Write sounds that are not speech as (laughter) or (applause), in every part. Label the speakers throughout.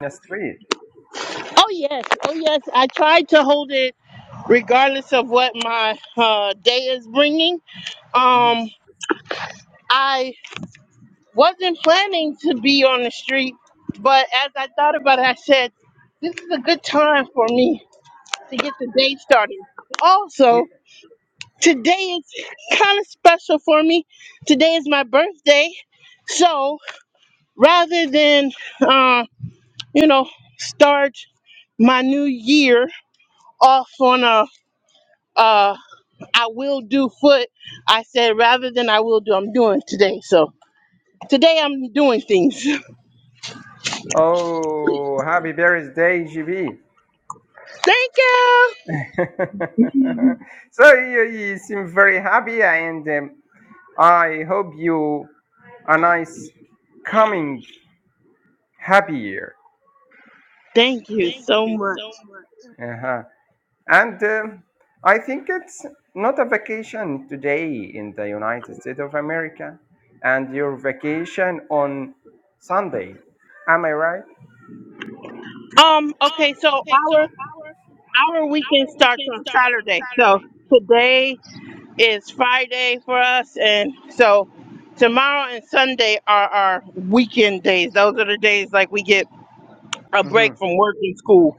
Speaker 1: the street.
Speaker 2: Oh yes, oh yes. I tried to hold it regardless of what my uh, day is bringing.
Speaker 1: Mhm.
Speaker 2: Um, I wasn't planning to be on the street, but as I thought about it, I said, "This is a good time for me to get the day started." Also,
Speaker 1: Ye-
Speaker 2: today is kind of special for me. Today is my birthday, so rather than uh, you know start my new year off on a uh I will do foot. I said rather than I will do, I'm doing today. So today I'm doing things. (laughs)
Speaker 1: Oh, happy birthday, GB.
Speaker 2: Thank you.
Speaker 1: (laughs) so you, you seem very happy, and um, I hope you a nice coming happy year.
Speaker 2: Thank you so much.
Speaker 1: Uh-huh. And um I think it's not a vacation today in the United States of America, and your vacation on Sunday. Am I right?
Speaker 2: Um, okay, so our our weekend starts on Saturday. So today is Friday for us and so tomorrow and Sunday are our weekend days. Those are the days like we get a
Speaker 1: Mm-hmm.
Speaker 2: break from work and school.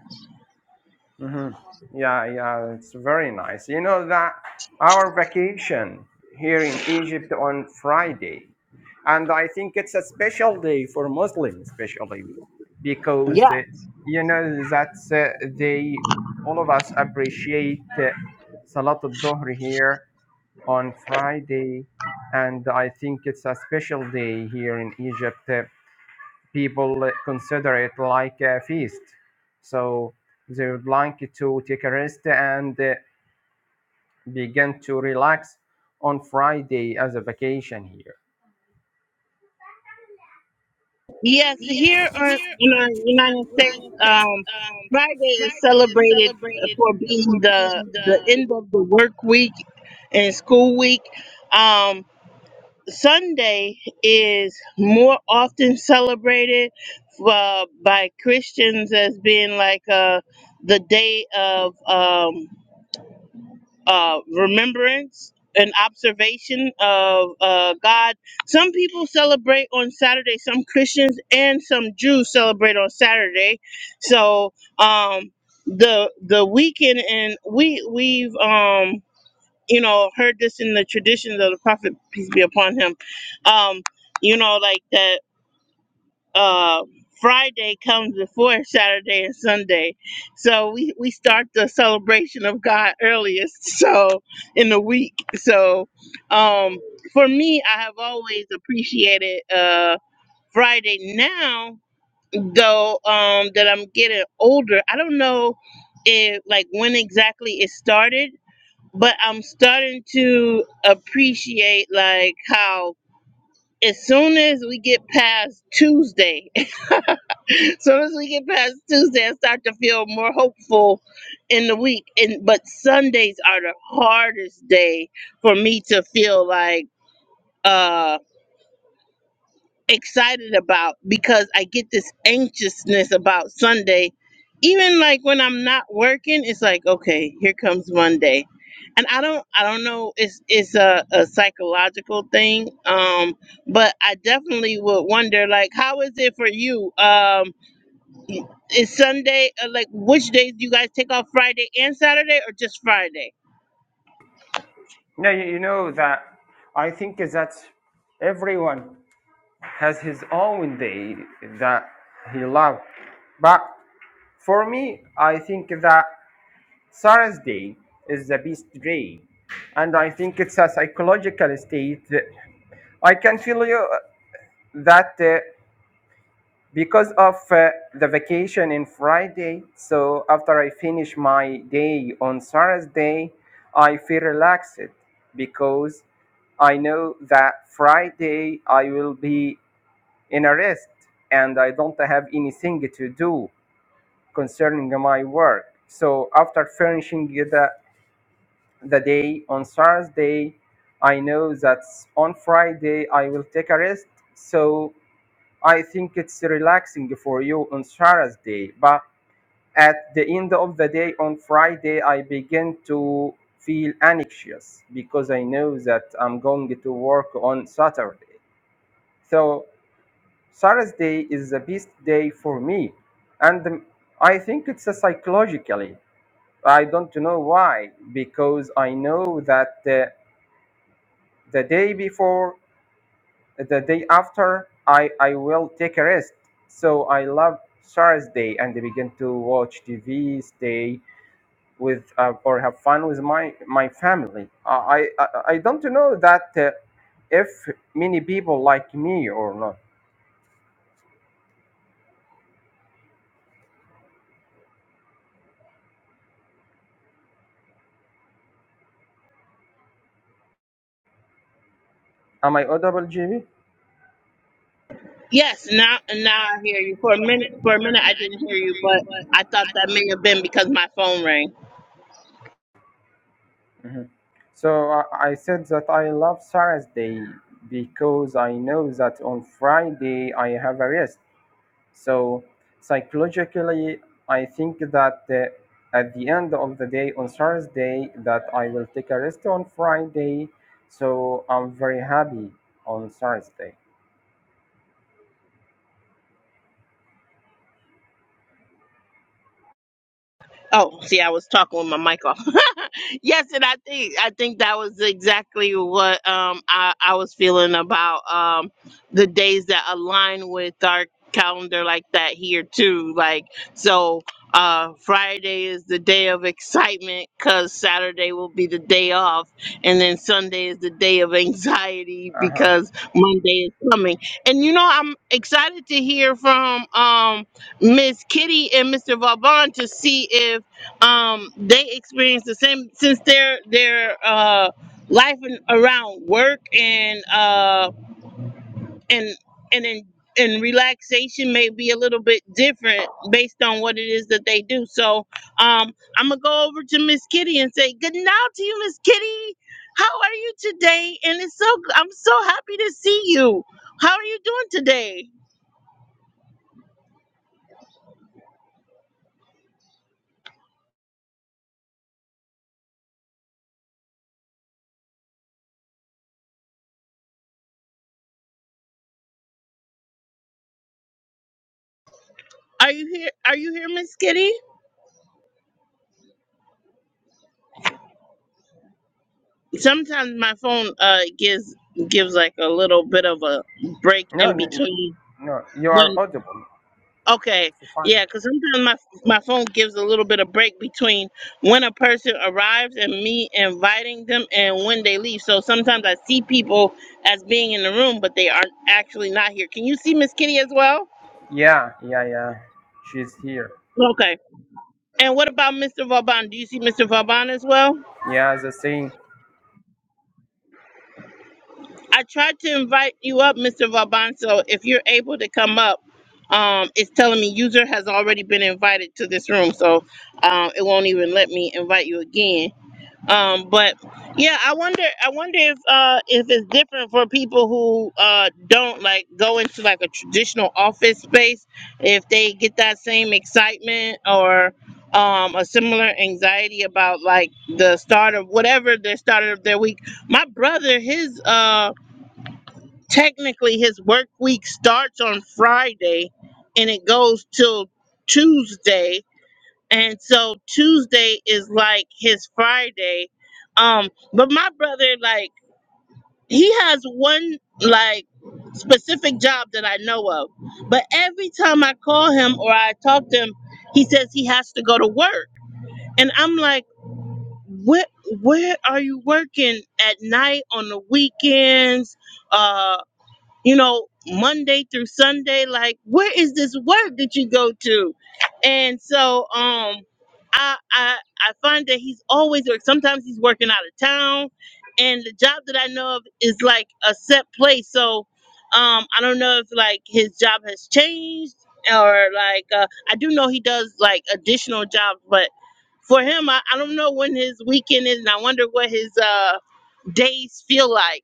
Speaker 1: hmm Yeah, yeah, it's very nice. You know that our vacation here in Egypt on Friday, and I think it's a special day for Muslims, especially because
Speaker 2: Yeah.
Speaker 1: uh, you know that uh, they all of us appreciate uh, Salat al-Dhuhr here on Friday, and I think it's a special day here in Egypt. Uh, people consider it like a feast. So they would like to take a rest and uh, begin to relax on Friday as a vacation here.
Speaker 2: Yes, here are, in our United States, um, Friday is celebrated for being the the end of the work week and school week. Um, Sunday is more often celebrated uh, by Christians as being like uh, the day of. Um, uh, remembrance and observation of uh, God. Some people celebrate on Saturday. Some Christians and some Jews celebrate on Saturday. So um, the the weekend, and we we've um, you know heard this in the traditions of the prophet peace be upon him. Um, you know, like that uh, Friday comes before Saturday and Sunday. So we, we start the celebration of God earliest, (laughs) so in the week. So um, for me, I have always appreciated uh, Friday. Now, though, um, that I'm getting older, I don't know if like when exactly it started, but I'm starting to appreciate like how as soon as we get past Tuesday soon as we get past Tuesday, I start to feel more hopeful in the week. And but Sundays are the hardest day for me to feel like uh excited about because I get this anxiousness about Sunday. Even like when I'm not working, it's like, okay, here comes Monday. And I don't I don't know, it's it's a, a psychological thing. Um, but I definitely would wonder like how is it for you? Um Is Sunday uh, like which days do you guys take off Friday and Saturday or just Friday?
Speaker 1: Now, you know that I think that everyone has his own day that he loves. But for me, I think that Thursday is the best day. And I think it's a psychological state. I can feel you that uh, because of uh, the vacation in Friday, so after I finish my day on Saturday, I feel relaxed because I know that Friday I will be in a rest and I don't have anything to do concerning my work. So after finishing the, the day on Saturday, I know that on Friday I will take a rest. So I think it's relaxing for you on Saturday, but at the end of the day on Friday, I begin to feel anxious because I know that I'm going to work on Saturday. So Saturday is the best day for me, and um, I think it's a psychologically. I don't know why because I know that uh, the day before the day after I, I will take a rest. So I love Thursday and begin to watch TV, stay with uh, or have fun with my my family. Uh, I I, I don't know that uh, if many people like me or not. Am I audible, GB?
Speaker 2: Yes, now now I hear you. For a minute for a minute I didn't hear you, but I thought that may have been because my phone rang.
Speaker 1: hmm So I, I said that I love Thursday because I know that on Friday I have a rest So psychologically, I think that uh, at the end of the day on Thursday that I will take a rest on Friday. So I'm very happy on Thursday.
Speaker 2: Oh, see, I was talking with my mic off. (laughs) yes, and I think I think that was exactly what um I, I was feeling about um the days that align with our calendar like that here too. Like so uh Friday is the day of excitement cuz Saturday will be the day off and then Sunday is the day of anxiety
Speaker 1: Uh-huh.
Speaker 2: because Monday is coming. And you know I'm excited to hear from um Miss Kitty and Mr. Vaughn to see if um they experience the same since their their uh life in, around work and uh and and in and relaxation may be a little bit different based on what it is that they do. So um I'm gonna go over to Miss Kitty and say good night to you, Miss Kitty. How are you today? And it's so I'm so happy to see you. How are you doing today? Are you here? Are you here, Miss Kitty? Sometimes my phone uh gives gives like a little bit of a break
Speaker 1: No,
Speaker 2: in
Speaker 1: no,
Speaker 2: between
Speaker 1: no, you are
Speaker 2: when
Speaker 1: audible.
Speaker 2: okay
Speaker 1: It's fine.
Speaker 2: yeah because sometimes my my phone gives a little bit of break between when a person arrives and me inviting them and when they leave. So sometimes I see people as being in the room but they aren't actually not here. Can you see Miss Kitty as well?
Speaker 1: Yeah, yeah, yeah. She's here.
Speaker 2: Okay. And what about Mr. Vauban? Do you see Mr. Vauban as well?
Speaker 1: Yeah, the same.
Speaker 2: I tried to invite you up, Mr. Valbanzo. If you're able to come up, um, it's telling me user has already been invited to this room, so um, it won't even let me invite you again. Um, but yeah, I wonder. I wonder if uh, if it's different for people who uh, don't like go into like a traditional office space, if they get that same excitement or um, a similar anxiety about like the start of whatever the start of their week. My brother, his uh technically his work week starts on Friday and it goes till Tuesday. And so Tuesday is like his Friday. Um but my brother like he has one like specific job that I know of. But every time I call him or I talk to him, he says he has to go to work. And I'm like, "Where where are you working at night on the weekends?" Uh you know, Monday through Sunday. Like, where is this work that you go to? And so, um, I I I find that he's always work. Sometimes he's working out of town, and the job that I know of is like a set place. So, um, I don't know if like his job has changed or like uh, I do know he does like additional jobs, but. For him, I, I don't know when his weekend is, and I wonder what his uh, days feel like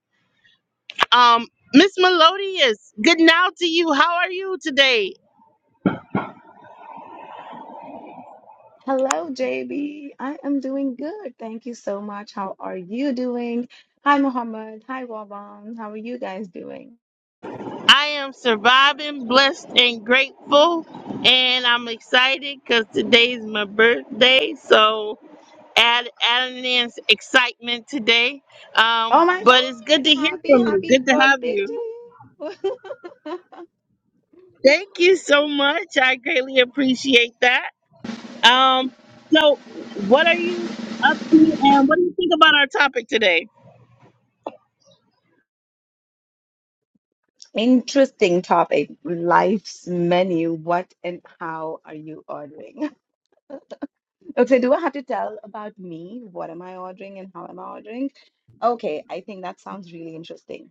Speaker 2: um, Miss Melodious, good now to you. How are you today?
Speaker 3: Hello, JB. I am doing good. Thank you so much. How are you doing? Hi, Muhammad. Hi, Wabam. How are you guys doing?
Speaker 2: I am surviving, blessed, and grateful, and I'm excited because today's my birthday. So add adding in excitement today.
Speaker 3: Oh
Speaker 2: Um,
Speaker 3: my
Speaker 2: but it's good
Speaker 3: God.
Speaker 2: to hear
Speaker 3: Happy,
Speaker 2: from you.
Speaker 3: happy
Speaker 2: Good to have
Speaker 3: birthday to
Speaker 2: you.
Speaker 3: you.
Speaker 2: Thank you so much. I greatly appreciate that. Um, so what are you up to, and what do you think about our topic today?
Speaker 3: (laughs) Interesting topic. Life's menu. What and how are you ordering? Okay, do I have to tell about me? What am I ordering and how am I ordering? Okay, I think that sounds really interesting.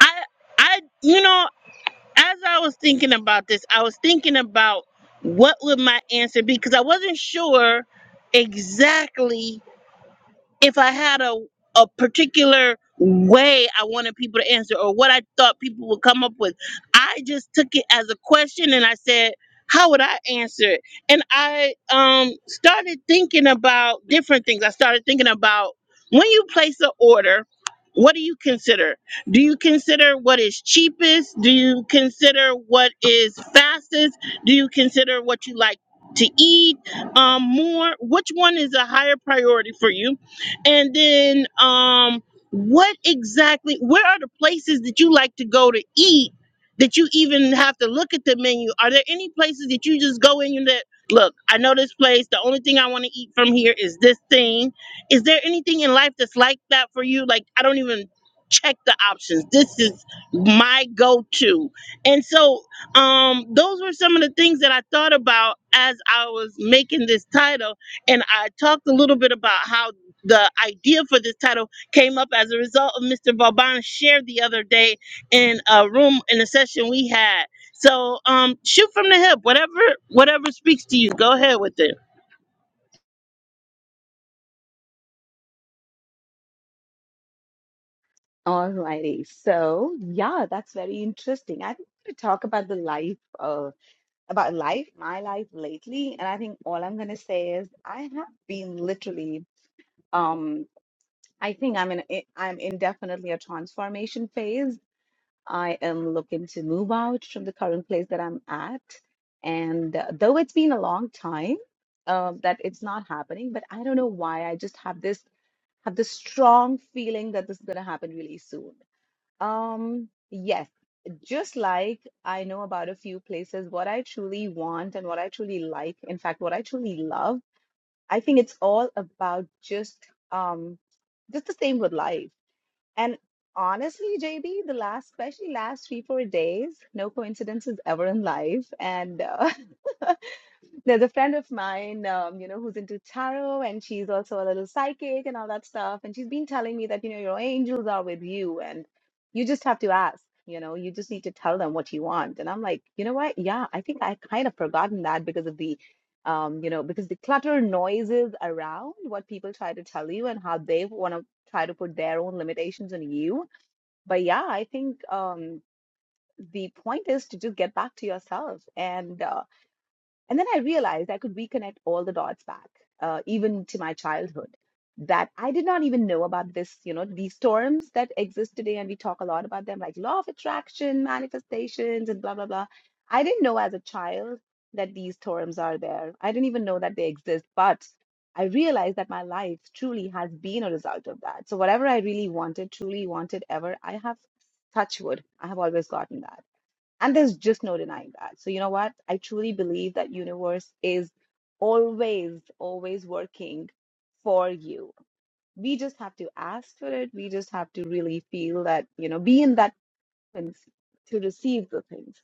Speaker 2: I, I, you know. as I was thinking about this, I was thinking about what would my answer be because I wasn't sure exactly if I had a a particular way I wanted people to answer or what I thought people would come up with. I just took it as a question and I said, how would I answer it? And I um started thinking about different things. I started thinking about when you place an order, what do you consider? Do you consider what is cheapest? Do you consider what is fastest? Do you consider what you like to eat um, more? Which one is a higher priority for you? And then, um, what exactly? Where are the places that you like to go to eat? That you even have to look at the menu? Are there any places that you just go in and that look? I know this place. The only thing I want to eat from here is this thing. Is there anything in life that's like that for you? Like I don't even check the options. This is my go-to. And so, um, those were some of the things that I thought about as I was making this title and I talked a little bit about how the idea for this title came up as a result of Mr. Vauban's share the other day in a room in a session we had. So um shoot from the hip, whatever whatever speaks to you, go ahead with it.
Speaker 3: Alrighty. So, yeah, that's very interesting. I think I'm going to talk about the life, uh, about life, my life lately. And I think all I'm going to say is I have been literally Um, I think I'm in i- I'm in definitely a transformation phase. I am looking to move out from the current place that I'm at, and uh, though it's been a long time um, that it's not happening, but I don't know why. I just have this have this strong feeling that this is going to happen really soon. Um, yes, just like I know about a few places, what I truly want and what I truly like, in fact, what I truly love I think it's all about just um just the same with life. And honestly, JB, the last especially last three, four days, no coincidences ever in life. And uh, (laughs) There's a friend of mine, um, you know, who's into tarot and she's also a little psychic and all that stuff. And she's been telling me that, you know, your angels are with you and you just have to ask, you know, you just need to tell them what you want. And I'm like, you know what? Yeah, I think I kind of forgotten that because of the, um, you know, because the clutter noises around what people try to tell you and how they want to try to put their own limitations on you. But yeah, I think um, the point is to just get back to yourself and, uh, and then I realized I could reconnect all the dots back, uh, even to my childhood, that I did not even know about this, you know, these terms that exist today. And we talk a lot about them, like law of attraction, manifestations, and blah, blah, blah. I didn't know as a child that these terms are there. I didn't even know that they exist. But I realized that my life truly has been a result of that. So, whatever I really wanted, truly wanted ever, I have touch wood. I have always gotten that. And there's just no denying that. So you know what? I truly believe that universe is always, always working for you. We just have to ask for it. We just have to really feel that, you know, be in that sense to receive the things.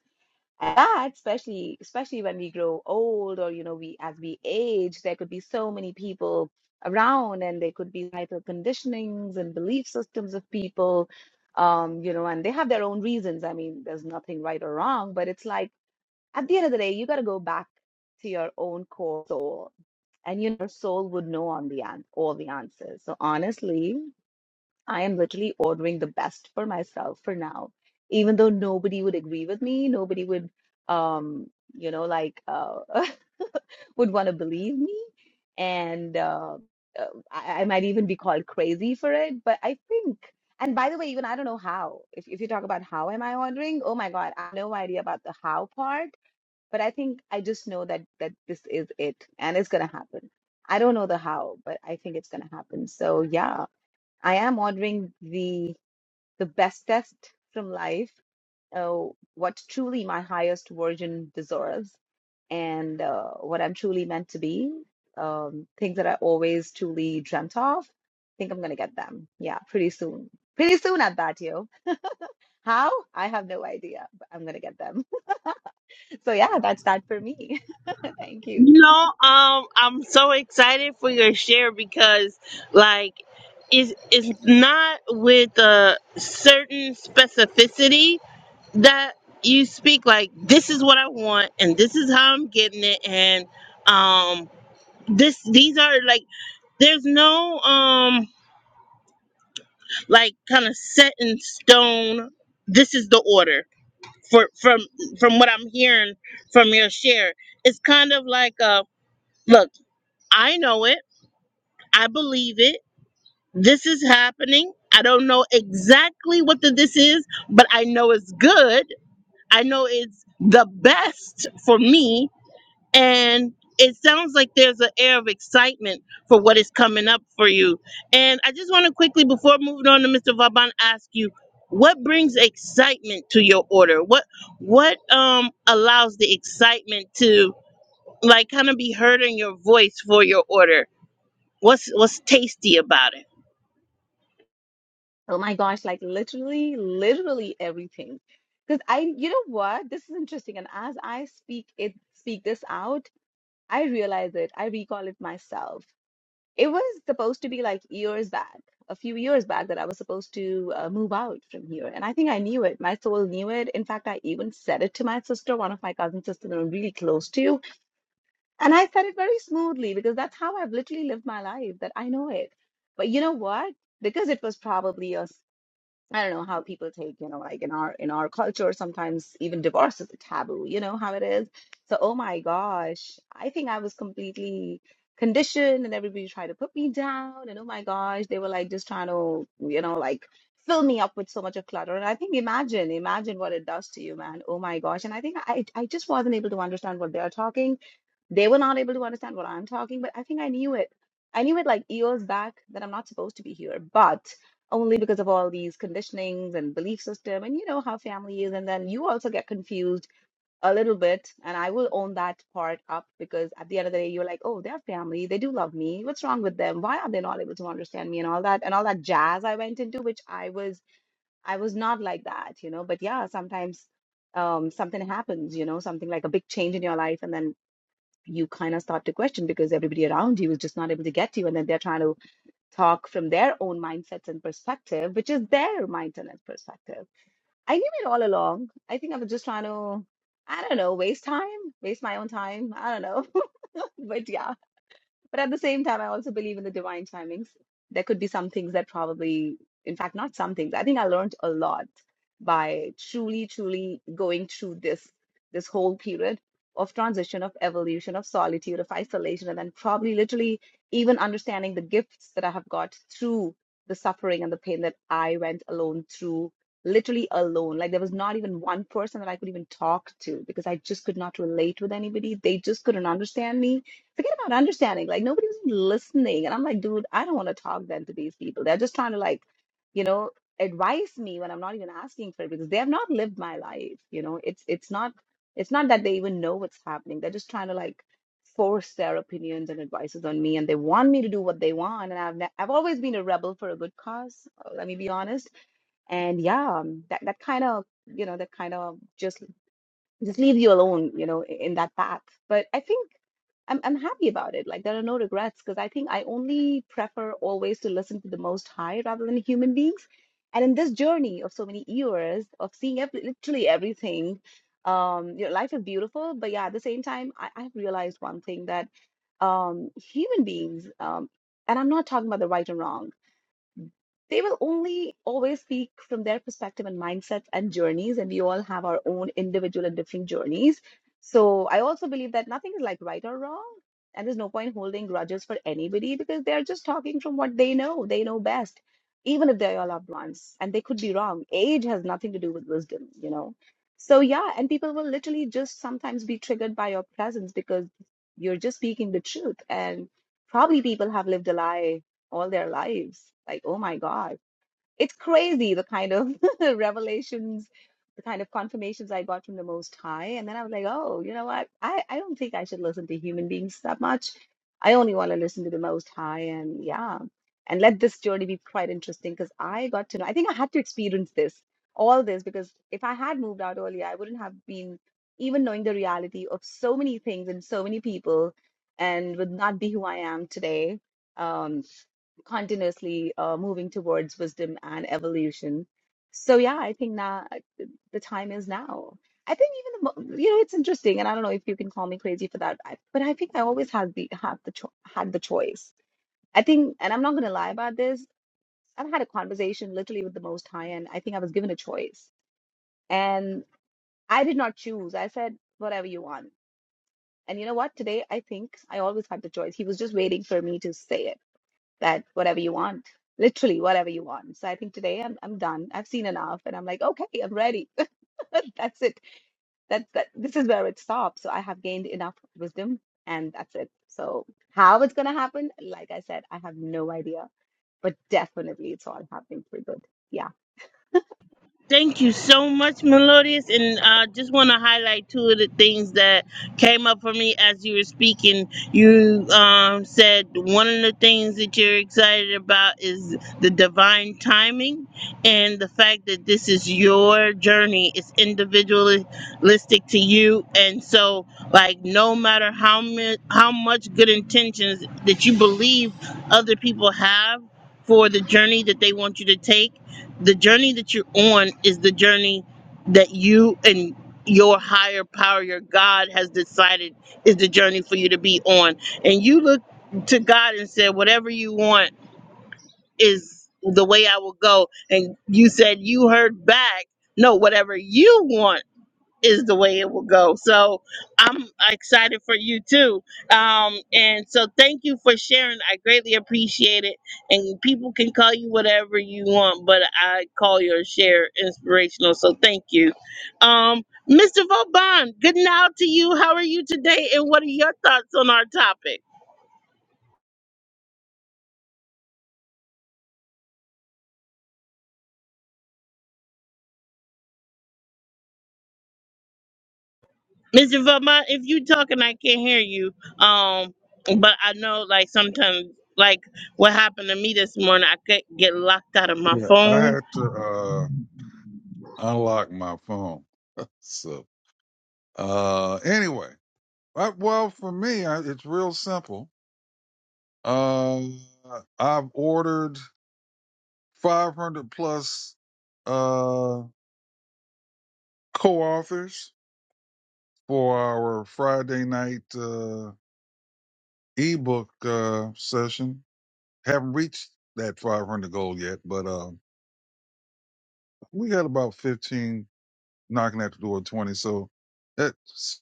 Speaker 3: And that especially especially when we grow old or you know we as we age, there could be so many people around and there could be hyper conditionings and belief systems of people um you know and they have their own reasons i mean there's nothing right or wrong but it's like at the end of the day, you got to go back to your own core soul, and you know, your soul would know on the an- all the answers. So honestly, I am literally ordering the best for myself for now, even though nobody would agree with me, nobody would, um, you know, like uh, (laughs) would want to believe me, and uh, uh, I-, I might even be called crazy for it. But I think. And by the way, even I don't know how. If if you talk about how am I ordering, oh my God, I have no idea about the how part but I think I just know that that this is it and it's gonna happen. I don't know the how, but I think it's gonna happen. So yeah, I am ordering the the best test from life, uh, what truly my highest version deserves, and uh, what I'm truly meant to be, um, things that I always truly dreamt of. I think I'm gonna get them. Yeah, pretty soon. Pretty soon at that, yo. How? I have no idea, but I'm gonna get them. (laughs) So yeah, that's that for me. (laughs) Thank you.
Speaker 2: You know, um I'm so excited for your share because like it's it's not with a certain specificity that you speak like this is what I want and this is how I'm getting it and um this these are like there's no um like kind of set in stone this is the order for from from what i'm hearing from your share it's kind of like a look i know it i believe it this is happening i don't know exactly what the this is but i know it's good i know it's the best for me and it sounds like there's an air of excitement for what is coming up for you. And I just want to quickly, before moving on to Mr. Vaban, ask you what brings excitement to your order? What what um allows the excitement to like kind of be heard in your voice for your order? What's what's tasty about it?
Speaker 3: Oh my gosh, like literally, literally everything. Because I, you know what? This is interesting. And as I speak it, speak this out, I realize it. I recall it myself. It was supposed to be like years back, a few years back, that I was supposed to uh, move out from here. And I think I knew it. My soul knew it. In fact, I even said it to my sister, one of my cousin sisters that I'm really close to. And I said it very smoothly because that's how I've literally lived my life, that I know it. But you know what? Because it was probably a I don't know how people take, you know, like in our in our culture, sometimes even divorce is a taboo. You know how it is. So, oh my gosh, I think I was completely conditioned, and everybody tried to put me down. And oh my gosh, they were like just trying to, you know, like fill me up with so much of clutter. And I think imagine, imagine what it does to you, man. Oh my gosh. And I think I I just wasn't able to understand what they are talking they were not able to understand what I'm talking, but I think I knew it. I knew it like years back that I'm not supposed to be here, but only because of all these conditionings and belief system and you know how family is and then you also get confused a little bit and I will own that part up because at the end of the day you're like, "Oh, they're family. They do love me. What's wrong with them? Why are they not able to understand me?" and all that and all that jazz I went into which I was I was not like that, you know. But yeah, sometimes um something happens you know something like a big change in your life and then you kind of start to question because everybody around you is just not able to get to you. And then they're trying to talk from their own mindsets and perspective, which is their mindset and perspective. I knew it all along. I think I was just trying to, I don't know, waste time, waste my own time. I don't know. (laughs) but yeah. But at the same time, I also believe in the divine timings. There could be some things that probably, in fact, not some things. I think I learned a lot by truly, truly going through this this whole period of transition, of evolution, of solitude, of isolation, and then probably literally even understanding the gifts that I have got through the suffering and the pain that I went alone through, literally alone. Like there was not even one person that I could even talk to because I just could not relate with anybody. They just couldn't understand me forget about understanding. Like nobody's listening. And I'm like, dude, I don't want to talk then to these people. They're just trying to like, you know, advise me when I'm not even asking for it because they have not lived my life. You know, it's it's not it's not that they even know what's happening. They're just trying to like force their opinions and advices on me and they want me to do what they want and I've ne- I've always been a rebel for a good cause uh, let me be honest and yeah um, that that kind of you know that kind of just just leave you alone, you know, in that path. But I think I'm I'm happy about it. Like there are no regrets because I think I only prefer always to listen to the Most High rather than human beings. And in this journey of so many years of seeing every, literally everything, um, you know, life is beautiful. But yeah, at the same time, I, I've realized one thing that um, human beings, um, and I'm not talking about the right and wrong they will only always speak from their perspective and mindsets and journeys and we all have our own individual and different journeys so i also believe that nothing is like right or wrong and there's no point holding grudges for anybody because they're just talking from what they know they know best even if they're your loved ones and they could be wrong age has nothing to do with wisdom you know so yeah and people will literally just sometimes be triggered by your presence because you're just speaking the truth and probably people have lived a lie all their lives. Like, oh my God. It's crazy the kind of (laughs) revelations, the kind of confirmations I got from the Most High. And then I was like, oh, you know what? I, I don't think I should listen to human beings that much. I only want to listen to the Most High. And yeah, and let this journey be quite interesting because I got to know, I think I had to experience this, all this, because if I had moved out earlier, I wouldn't have been even knowing the reality of so many things and so many people and would not be who I am today Um, continuously uh, moving towards wisdom and evolution. So yeah, I think now uh, the time is now. I think even the, mo- you know it's interesting, and I don't know if you can call me crazy for that, I, but I think I always had the had the cho had the choice. I think, and I'm not going to lie about this. I've had a conversation literally with the Most High, and I think I was given a choice, and I did not choose. I said whatever you want, and you know what? Today, I think I always had the choice. He was just waiting for me to say it that whatever you want, literally whatever you want. So I think today I'm I'm done. I've seen enough, and I'm like, okay, I'm ready. (laughs) That's it. That's that. This is where it stops. So I have gained enough wisdom, and that's it. So how it's gonna happen? Like I said, I have no idea, but definitely it's all happening for good. Yeah.
Speaker 2: Thank you so much, Melodious. And I uh, just want to highlight two of the things that came up for me as you were speaking. You um, said one of the things that you're excited about is the divine timing and the fact that this is your journey. It's individualistic to you. And so, like, no matter how, mi- how much good intentions that you believe other people have for the journey that they want you to take, the journey that you're on is the journey that you and your higher power, your God, has decided is the journey for you to be on. And you look to God and said, Whatever you want is the way I will go. And you said, You heard back. No, whatever you want is the way it will go. So I'm excited for you too. Um, and so thank you for sharing. I greatly appreciate it. And people can call you whatever you want, but I call your share inspirational. So thank you. Um, Mr. Vauban, good now to you. How are you today? And what are your thoughts on our topic? Mr. Vauban, if you talking, I can't hear you. Um, but I know like sometimes like what happened to me this morning, I could get locked out of my
Speaker 4: Yeah, I
Speaker 2: phone
Speaker 4: had to uh, unlock my phone. So uh, anyway, I, well, for me, I, it's real simple. Uh, I've ordered 500 plus uh, co-authors for our Friday night uh, ebook uh, session. Haven't reached that 500 goal yet, but uh, we got about 15 knocking at the door, 20. So that's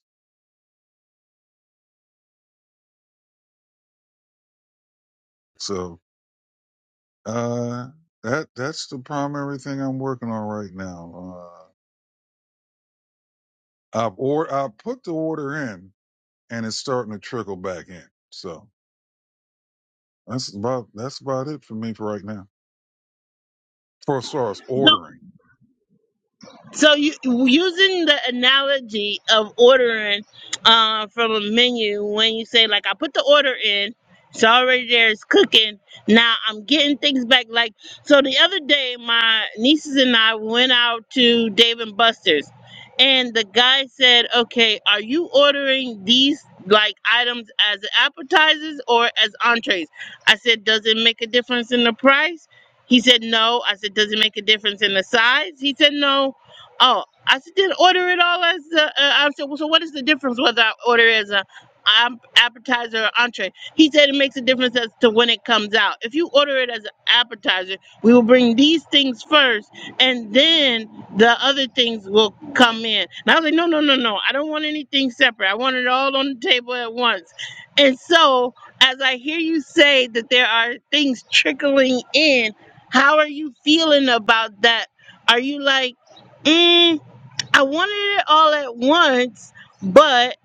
Speaker 4: so. Uh, that that's the primary thing I'm working on right now. Uh, I've or I put the order in, and it's starting to trickle back in. So that's about that's about it for me for right now. For as far as ordering,
Speaker 2: So you using the analogy of ordering uh, from a menu when you say like I put the order in, it's already there, it's cooking. Now I'm getting things back. Like so, the other day my nieces and I went out to Dave and Buster's, and the guy said, "Okay, are you ordering these like items as appetizers or as entrees?" I said, "Does it make a difference in the price?" He said, "No." I said, "Does it make a difference in the size?" He said, "No." Oh, I s- did order it all as a, uh, I said, well, so what is the difference whether I order as a um, appetizer or entree? He said it makes a difference as to when it comes out. If you order it as an appetizer, we will bring these things first, and then the other things will come in. And I was like, no, no, no, no, I don't want anything separate. I want it all on the table at once. And so, as I hear you say that there are things trickling in, how are you feeling about that? Are you like? Mm, I wanted it all at once, but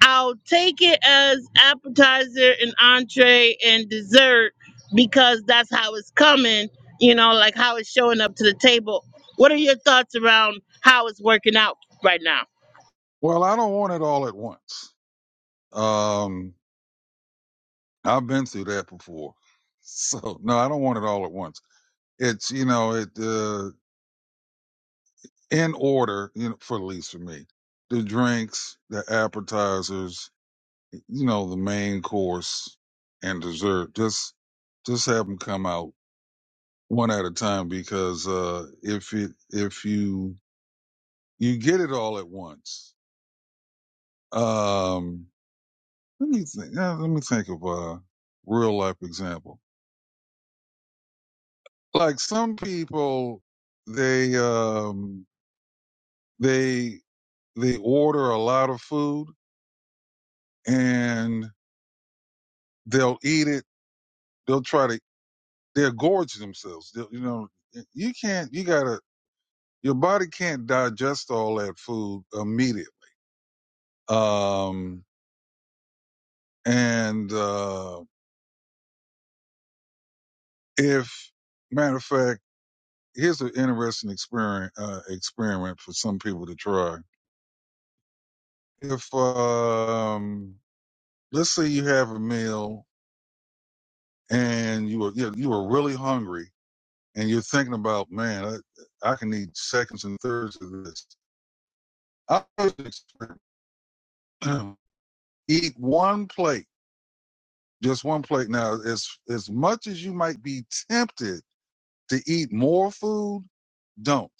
Speaker 2: I'll take it as appetizer and entree and dessert because that's how it's coming, you know, like how it's showing up to the table. What are your thoughts around how it's working out right now?
Speaker 4: well, I don't want it all at once. Um, I've been through that before, (laughs) so no, I don't want it all at once. It's you know it uh, in order, you know, for at least for me, the drinks, the appetizers, you know, the main course and dessert. Just, just have them come out one at a time because, uh, if it, if you, you get it all at once. Um, let me think, yeah, let me think of a real life example. Like some people, they, um, they, they order a lot of food and they'll eat it. They'll try to, they'll gorge themselves. They'll, you know, you can't, you gotta, your body can't digest all that food immediately. Um, and uh, if, matter of fact, here's an interesting experiment uh, experiment for some people to try. If um, let's say you have a meal and you were you, were really hungry and you're thinking about, man, I, I can eat seconds and thirds of this. I would (clears throat) eat one plate Just one plate. Now, as as much as you might be tempted to eat more food, don't.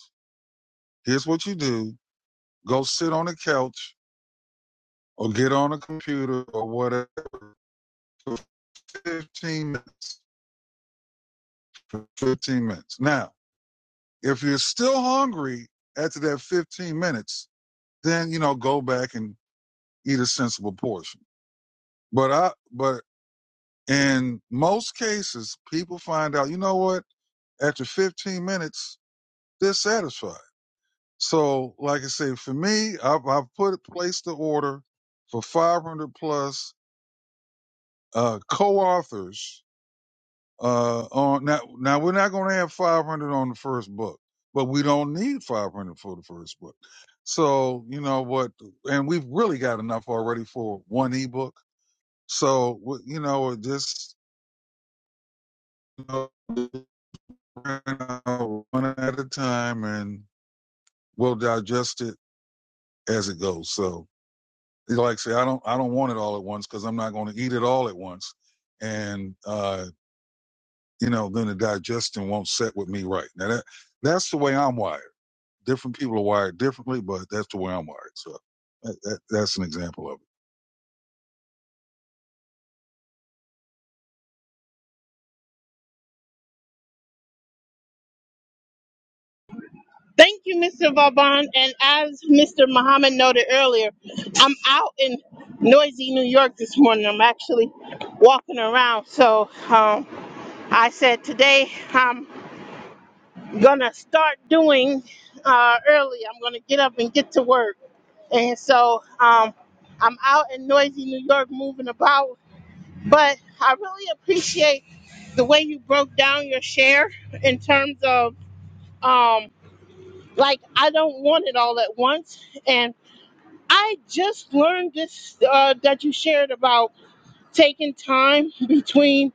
Speaker 4: Here's what you do: go sit on a couch or get on a computer or whatever for 15 minutes. For 15 minutes. Now, if you're still hungry after that 15 minutes, then you know go back and eat a sensible portion. But I but in most cases, people find out, you know what? After 15 minutes, they're satisfied. So, like I said, for me, I've, I've put placed the order for 500 plus uh, co-authors. Uh, on now, now we're not going to have 500 on the first book, but we don't need 500 for the first book. So, you know what? And we've really got enough already for one ebook. So, w- you know, it just you know, one at a time, and we'll digest it as it goes. So. like say I don't I don't want it all at once because I'm not going to eat it all at once, and uh, you know then the digestion won't set with me right. Now that that's the way I'm wired. Different people are wired differently, but that's the way I'm wired. So that, that, that's an example of
Speaker 2: Thank you, Mr. Vauban. And as Mr. Muhammad noted earlier, I'm out in noisy New York this morning. I'm actually walking around. So um, I said today, I'm. gonna start doing uh, early. I'm gonna get up and get to work, and so um, I'm out in noisy New York moving about. But I really appreciate the way you broke down your share in terms of um, like I don't want it all at once, and I just learned this uh, that you shared about taking time between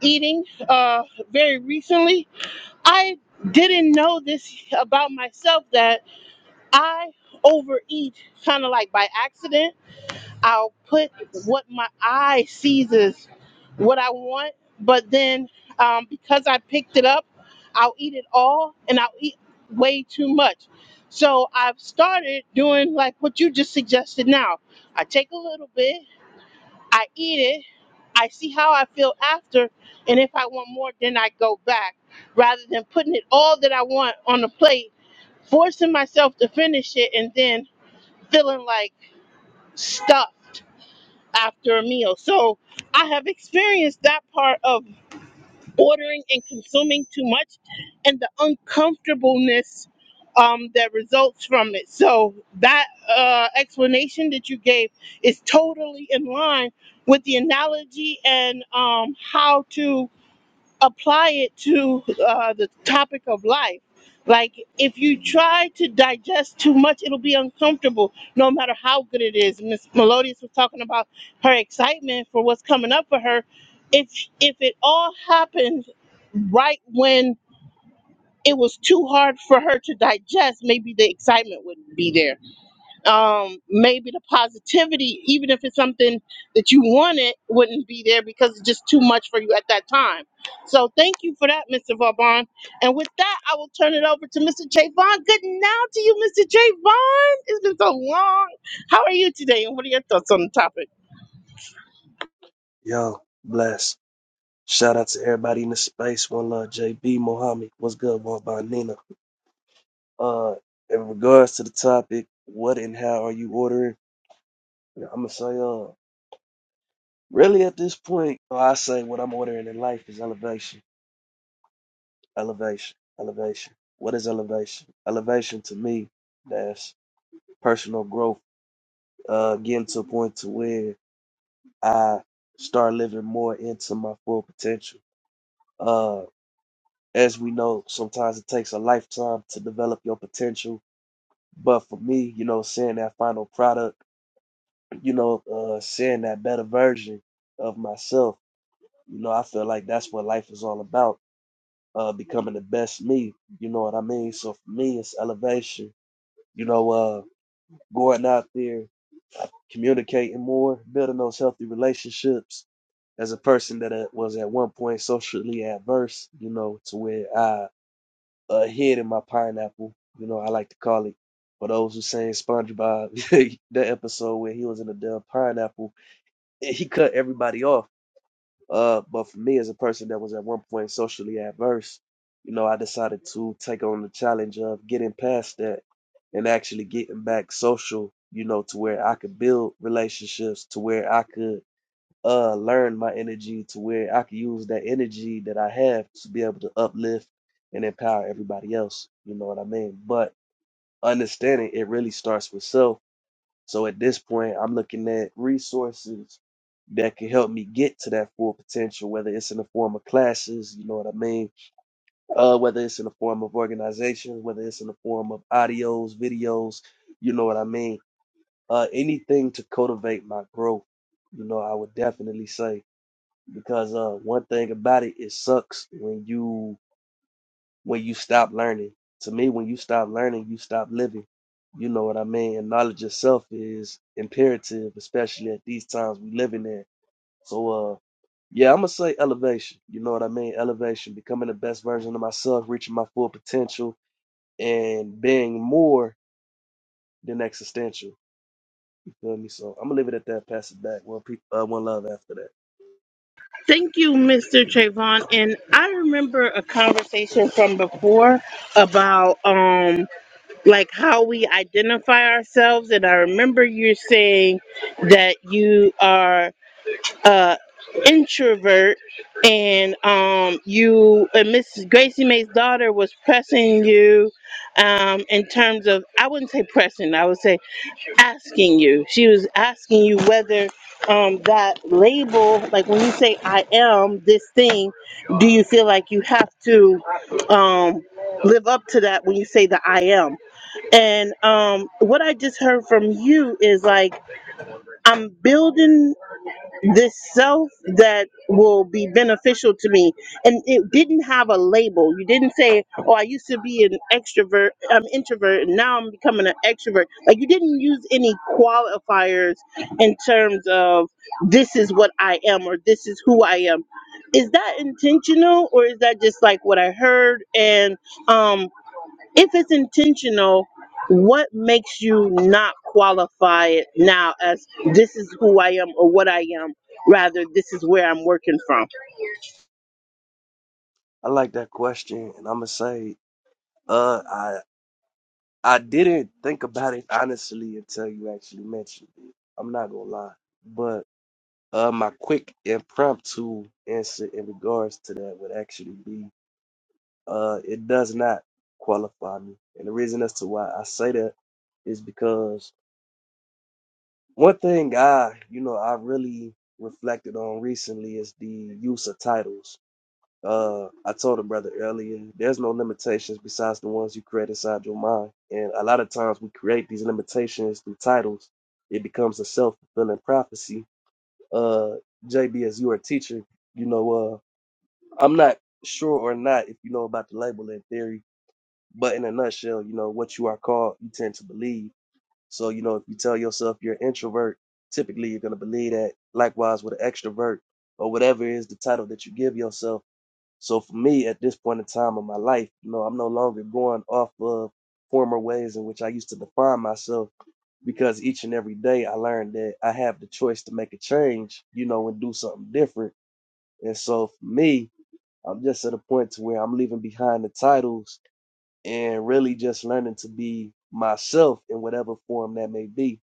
Speaker 2: eating uh, very recently. I didn't know this about myself that. I overeat kind of like by accident. I'll put what my eye sees is what I want, but then um, because I picked it up, I'll eat it all and I'll eat way too much. So I've started doing like what you just suggested now. I take a little bit, I eat it, I see how I feel after, and if I want more, then I go back rather than putting it all that I want on the plate, forcing myself to finish it and then feeling like stuffed after a meal. So I have experienced that part of ordering and consuming too much and the uncomfortableness um, that results from it. So that uh, explanation that you gave is totally in line with the analogy and um, how to apply it to uh, the topic of life. Like, if you try to digest too much, it'll be uncomfortable no matter how good it is. Miss Melodious was talking about her excitement for what's coming up for her. If if it all happened right when it was too hard for her to digest, maybe the excitement wouldn't be there um, maybe the positivity, even if it's something that you wanted, wouldn't be there because it's just too much for you at that time. So thank you for that, Mr. Vaughn. And with that, I will turn it over to Mr. Javon. Good now to you, Mr. Javon. It's been so long. How are you today? And what are your thoughts on the topic?
Speaker 5: Yo, bless. Shout out to everybody in the space. One love, JB Mohammed. What's good, one by Nina. Uh, in regards to the topic, what and how are you ordering? I'm gonna say, uh, really at this point, I say what I'm ordering in life is elevation, elevation, elevation. What is elevation? Elevation to me, that's personal growth. Uh, getting to a point to where I start living more into my full potential. Uh. as we know, sometimes it takes a lifetime to develop your potential. But for me, you know, seeing that final product, you know, uh, seeing that better version of myself, you know, I feel like that's what life is all about, uh, becoming the best me. You know what I mean? So for me, it's elevation. You know, uh, going out there, communicating more, building those healthy relationships. As a person that uh, was at one point socially adverse, you know, to where I a head in my pineapple. You know, I like to call it. For those who saying SpongeBob, (laughs) the episode where he was in a damn pineapple, and he cut everybody off. Uh, but for me, as a person that was at one point socially adverse, you know, I decided to take on the challenge of getting past that and actually getting back social. You know, to where I could build relationships, to where I could uh learn my energy to where I can use that energy that I have to be able to uplift and empower everybody else. You know what I mean? But understanding it really starts with self. So at this point, I'm looking at resources that can help me get to that full potential, whether it's in the form of classes, you know what I mean? Uh, whether it's in the form of organizations, whether it's in the form of audios, videos, you know what I mean? Uh, anything to cultivate my growth, you know, I would definitely say because uh one thing about it it sucks when you when you stop learning to me when you stop learning you stop living you know what i mean and knowledge itself is imperative especially at these times we living in so uh yeah i'm gonna say elevation you know what i mean elevation becoming the best version of myself reaching my full potential and being more than existential you feel me so i'm gonna leave it at that pass it back Well, people uh, one love after that
Speaker 2: Thank you, Mr. Trayvon. And I remember a conversation from before about um like how we identify ourselves and i remember you saying that you are uh introvert and um you and mrs gracie may's daughter was pressing you um in terms of i wouldn't say pressing i would say asking you she was asking you whether um that label like when you say i am this thing do you feel like you have to um live up to that when you say the i am and um, what I just heard from you is like, I'm building this self that will be beneficial to me. And it didn't have a label. You didn't say, oh, I used to be an extrovert, I'm introvert, and now I'm becoming an extrovert. Like, you didn't use any qualifiers in terms of this is what I am or this is who I am. Is that intentional or is that just like what I heard? And, um, if it's intentional, what makes you not qualify it now as this is who I am or what I am, rather this is where I'm working from?
Speaker 5: i like that question and i'm gonna say uh, I I didn't think about it honestly until you actually mentioned it. I'm not gonna lie. But uh my quick impromptu answer in regards to that would actually be uh it does not qualify me. And the reason as to why I say that is because one thing I you know I really reflected on recently is the use of titles Uh, I told a brother earlier, there's no limitations besides the ones you create inside your mind. And a lot of times we create these limitations through titles. It becomes a self fulfilling prophecy. Uh, JB, as you are a teacher, you know, uh, I'm not sure or not if you know about the labeling theory, but in a nutshell, you know, what you are called, you tend to believe. So, you know, if you tell yourself you're an introvert, typically you're going to believe that. Likewise with an extrovert or whatever is the title that you give yourself so for me, at this point in time of my life, you know, I'm no longer going off of former ways in which I used to define myself because each and every day I learned that I have the choice to make a change, you know, and do something different. And so for me, I'm just at a point to where I'm leaving behind the titles and really just learning to be myself in whatever form that may be.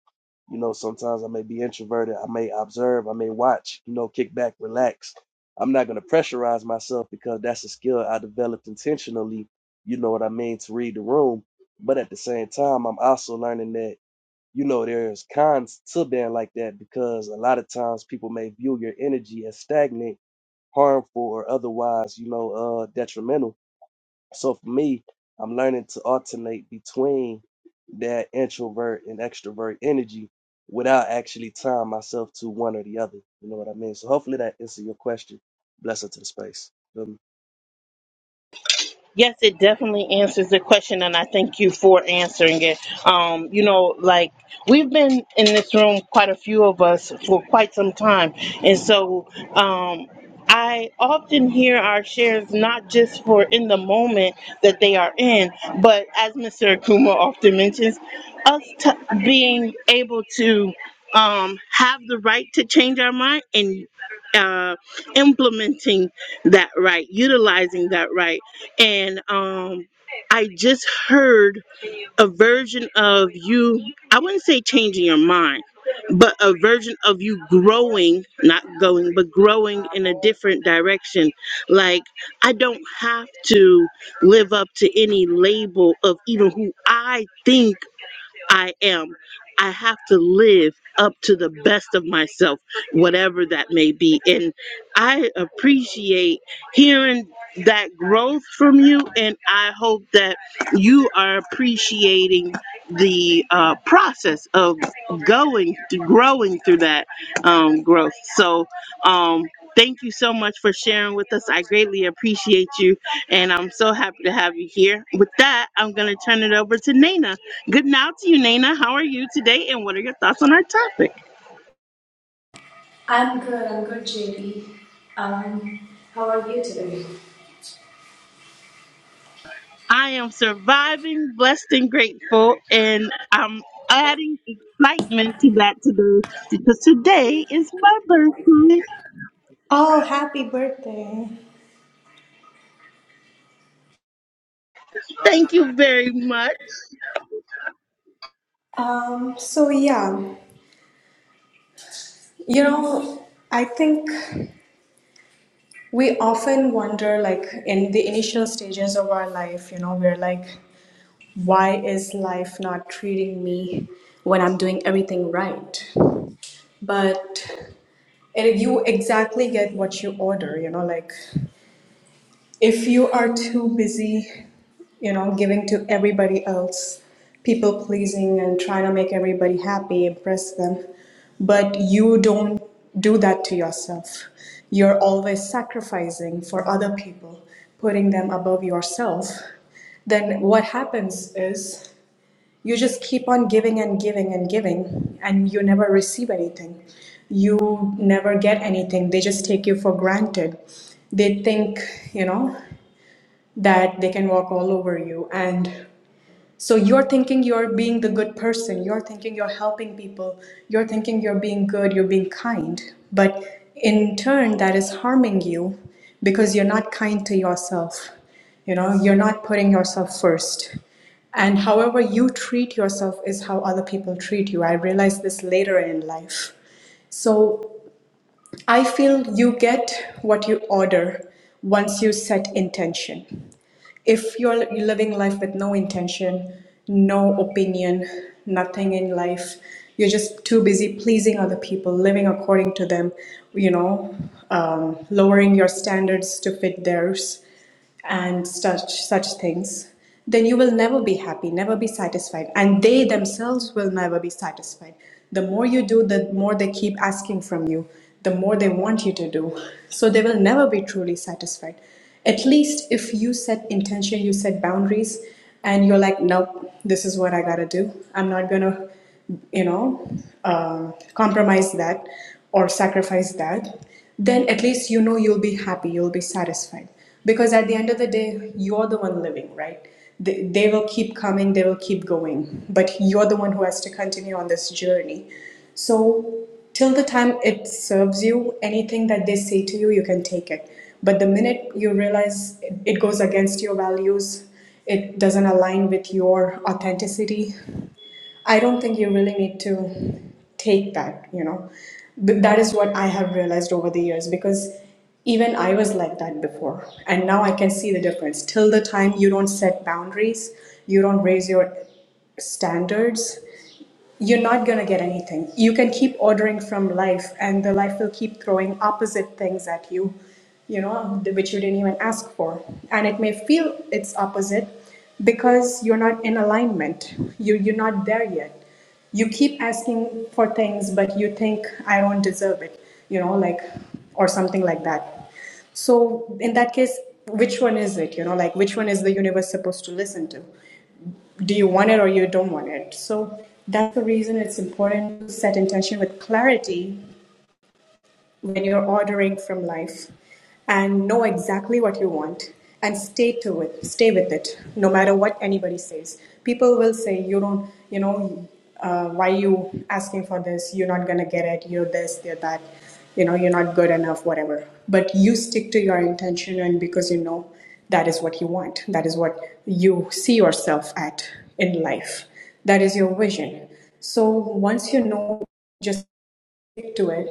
Speaker 5: You know, sometimes I may be introverted, I may observe, I may watch, you know, kick back, relax. I'm not going to pressurize myself because that's a skill I developed intentionally, you know what I mean, to read the room. But at the same time, I'm also learning that, you know, there's cons to being like that because a lot of times people may view your energy as stagnant, harmful, or otherwise, you know, uh, detrimental so for me, I'm learning to alternate between that introvert and extrovert energy without actually tying myself to one or the other. You know what I mean? So hopefully that answers your question. Bless her to the space. Feel me?
Speaker 2: Yes, it definitely answers the question, and I thank you for answering it. Um, you know, like we've been in this room, quite a few of us, for quite some time, and so um, I often hear our shares not just for in the moment that they are in, but as Mr. Akuma often mentions, us t- being able to um, have the right to change our mind and uh, implementing that right, utilizing that right and um I just heard a version of you I wouldn't say changing your mind but a version of you growing not going but growing in a different direction like I don't have to live up to any label of even who I think I am. I have to live up to the best of myself, whatever that may be. And I appreciate hearing that growth from you. And I hope that you are appreciating the uh, process of going, growing through that um, growth. So, um, thank you so much for sharing with us. I greatly appreciate you. And I'm so happy to have you here. With that, I'm going to turn it over to Nina. Good now to you, Nana. How are you today, and what are your thoughts on our topic?
Speaker 6: I'm good, I'm good, JD. Um, how are you today?
Speaker 2: I am surviving, blessed, and grateful, and I'm adding excitement to that today because today is my birthday.
Speaker 6: Oh, happy birthday.
Speaker 2: Thank you very much.
Speaker 6: Um, you know, I think we often wonder, like, in the initial stages of our life, you know, we're like, why is life not treating me when I'm doing everything right? But and you exactly get what you order, you know, like if you are too busy, you know, giving to everybody else, people pleasing and trying to make everybody happy, impress them, but you don't do that to yourself. You're always sacrificing for other people, putting them above yourself. Then what happens is you just keep on giving and giving and giving and you never receive anything you never get anything they just take you for granted they think you know that they can walk all over you and so you're thinking you're being the good person, you're thinking you're helping people, you're thinking you're being good, you're being kind, but in turn that is harming you because you're not kind to yourself. You know, you're not putting yourself first. And however you treat yourself is how other people treat you. I realized this later in life. So I feel you get what you order once you set intention. If you're living life with no intention, no opinion, nothing in life, you're just too busy pleasing other people, living according to them, you know, um, lowering your standards to fit theirs and such such things then you will never be happy never be satisfied and they themselves will never be satisfied the more you do the more they keep asking from you the more they want you to do so they will never be truly satisfied at least if you set intention you set boundaries and you're like nope this is what i gotta do i'm not gonna you know uh, compromise that or sacrifice that then at least you know you'll be happy you'll be satisfied because at the end of the day you're the one living right they, they will keep coming they will keep going but you're the one who has to continue on this journey so till the time it serves you anything that they say to you you can take it but the minute you realize it it goes against your values it doesn't align with your authenticity, I don't think you really need to take that, you know. But that is what I have realized over the years because even I was like that before. And now I can see the difference. Till the time you don't set boundaries, you don't raise your standards, you're not going to get anything. You can keep ordering from life, and the life will keep throwing opposite things at you, you know, which you didn't even ask for. And it may feel it's opposite because you're not in alignment. You, you're not there yet. You keep asking for things, but you think, I don't deserve it, you know, like, or something like that. So, in that case, which one is it? You know, like, which one is the universe supposed to listen to? do you want it or you don't want it. So that's the reason it's important to set intention with clarity when you're ordering from life and know exactly what you want and stay to it stay with it no matter what anybody says people will say you don't you know uh, why you asking for this you're not gonna get it you're this you're that you know you're not good enough whatever but you stick to your intention and because you know that is what you want that is what you see yourself at in life that is your vision so once you know just stick to it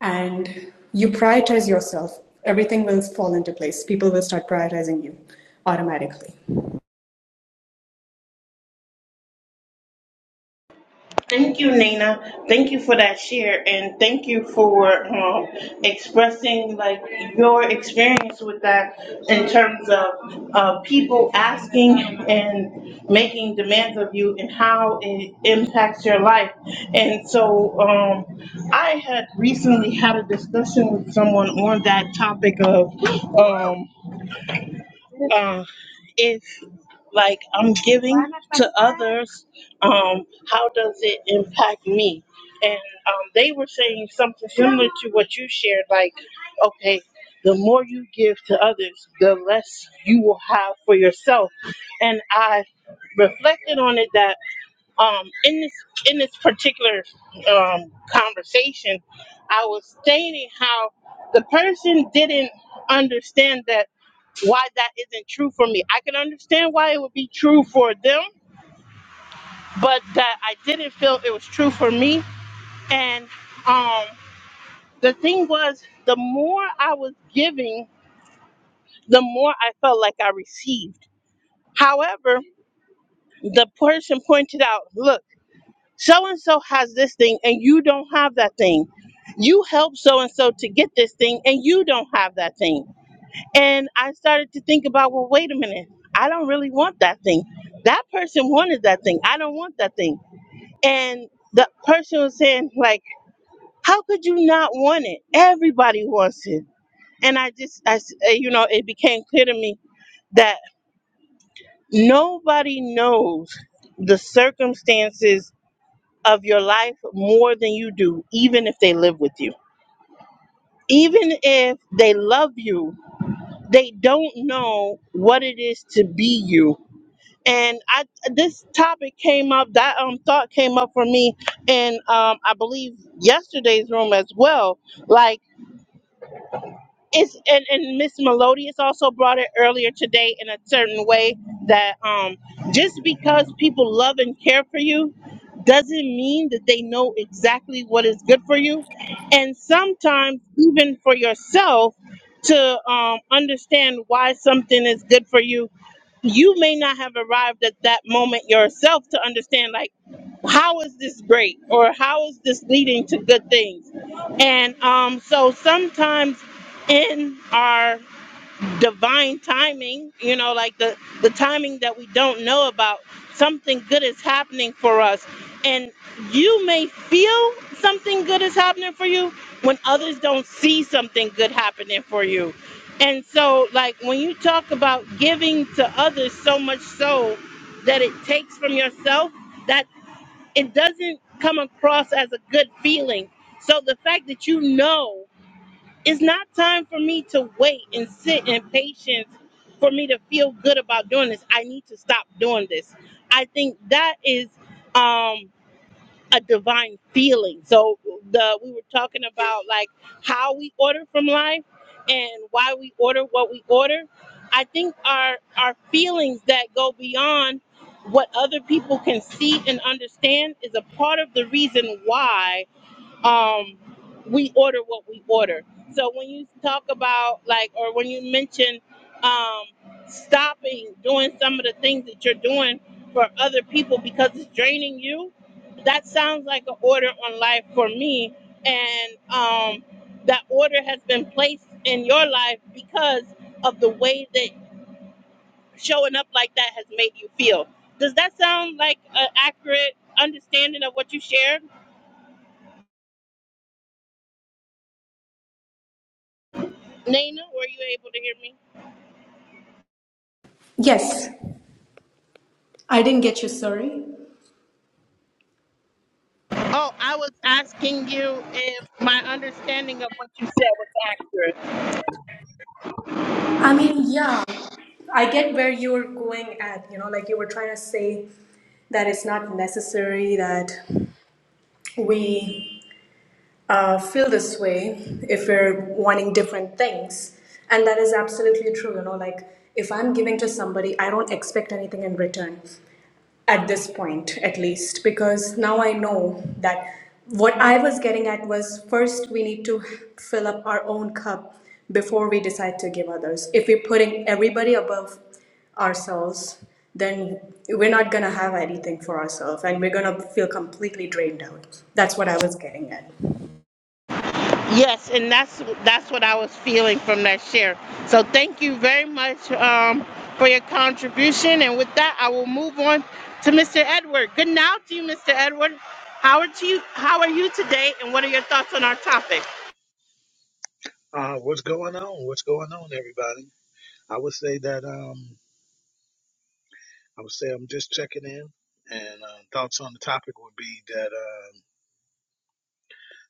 Speaker 6: and you prioritize yourself, everything will fall into place. People will start prioritizing you automatically.
Speaker 2: Thank you, Nina. Thank you for that share, and thank you for um, expressing like your experience with that in terms of uh, people asking and making demands of you and how it impacts your life. And so, um, I had recently had a discussion with someone on that topic of. Um, uh, if like I'm giving to others, um, how does it impact me? And um, they were saying something similar to what you shared, like, okay, the more you give to others, the less you will have for yourself. And I reflected on it that um, in this in this particular um, conversation, I was stating how the person didn't understand that why that isn't true for me. I can understand why it would be true for them, but that I didn't feel it was true for me. And um, the thing was, the more I was giving, the more I felt like I received. However, the person pointed out, "Look." so and so has this thing and you don't have that thing. You help so and so to get this thing and you don't have that thing. And I started to think about, well, wait a minute, I don't really want that thing. That person wanted that thing. I don't want that thing. And the person was saying, like, how could you not want it? Everybody wants it. And I just, I, s- uh, you know, it became clear to me that nobody knows the circumstances of your life more than you do, even if they live with you. Even if they love you, they don't know what it is to be you. And I, this topic came up, that um, thought came up for me in, um, I believe, yesterday's room as well. Like, it's and, and Miss Melodious also brought it earlier today in a certain way that um just because people love and care for you doesn't mean that they know exactly what is good for you. And sometimes even for yourself to um, understand why something is good for you, you may not have arrived at that moment yourself to understand like how is this great or how is this leading to good things and um so sometimes in our divine timing you know like the the timing that we don't know about something good is happening for us and you may feel something good is happening for you when others don't see something good happening for you and so like when you talk about giving to others so much so that it takes from yourself that it doesn't come across as a good feeling. So the fact that you know it's not time for me to wait and sit in patience for me to feel good about doing this. I need to stop doing this. I think that is um a divine feeling. So the we were talking about like how we order from life and why we order what we order. I think our our feelings that go beyond what other people can see and understand is a part of the reason why um we order what we order so when you talk about like or when you mention um stopping doing some of the things that you're doing for other people because it's draining you that sounds like an order on life for me and um that order has been placed in your life because of the way that showing up like that has made you feel does that sound like an accurate understanding of what you shared nana were you able to hear me
Speaker 6: Yes, I didn't get you. Sorry.
Speaker 2: Oh, I was asking you if my understanding of what you said was accurate.
Speaker 6: I mean, yeah, I get where you're going at. You know, like you were trying to say that it's not necessary that we uh, feel this way if we're wanting different things. And that is absolutely true. You know, like if I'm giving to somebody, I don't expect anything in return at this point, at least, because now I know that what I was getting at was first we need to fill up our own cup before we decide to give others. If we're putting everybody above ourselves, then we're not gonna have anything for ourselves and we're gonna feel completely drained out. That's what I was getting at.
Speaker 2: Yes, and that's that's what I was feeling from that share. So thank you very much um, for your contribution. And with that, I will move on to Mr. Edward. Good now to you, Mr. Edward. How are you? How are you today? And what are your thoughts on our topic?
Speaker 7: Uh, what's going on? What's going on, everybody? I would say that um, I would say I'm just checking in, and uh, thoughts on the topic would be that um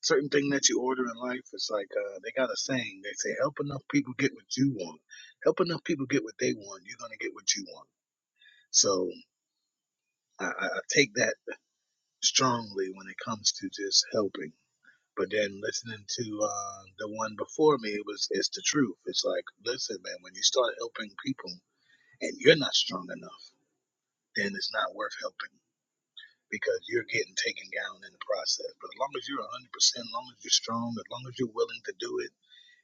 Speaker 7: certain thing that you order in life is like uh, they got a saying. They say, "Help enough people get what you want. Help enough people get what they want. You're gonna get what you want." So I, I I take that strongly when it comes to just helping. But then listening to uh, the one before me, it was it's the truth. It's like, listen, man, when you start helping people and you're not strong enough. then it's not worth helping because you're getting taken down in the process. But as long as you're 100%, as long as you're strong, as long as you're willing to do it,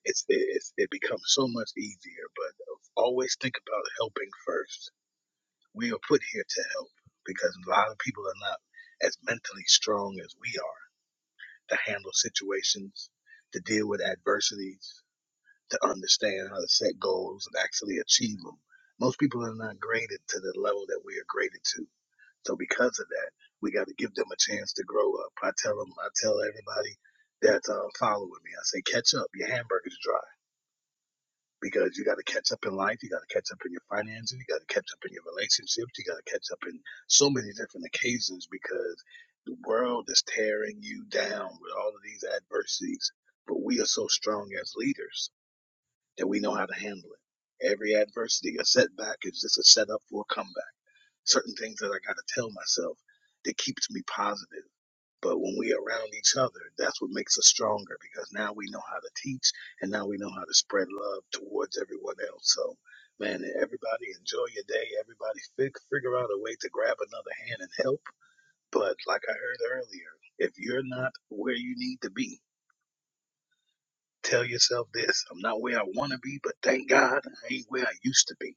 Speaker 7: it's, it's it becomes so much easier. But always think about helping first. We are put here to help because a lot of people are not as mentally strong as we are to handle situations, to deal with adversities, to understand how to set goals and actually achieve them. Most people are not graded to the level that we are graded to so because of that, we got to give them a chance to grow up. I tell them, I tell everybody that's um, following me, I say, catch up. Your hamburger's dry because you got to catch up in life. You got to catch up in your finances. You got to catch up in your relationships. You got to catch up in so many different occasions because the world is tearing you down with all of these adversities. But we are so strong as leaders that we know how to handle it. Every adversity, a setback is just a setup for a comeback certain things that I got to tell myself that keeps me positive. But when we around each other, that's what makes us stronger because now we know how to teach and now we know how to spread love towards everyone else. So, man, everybody enjoy your day. Everybody fig- figure out a way to grab another hand and help. But like I heard earlier, if you're not where you need to be, tell yourself this I'm not where I want to be, but thank God I ain't where I used to be.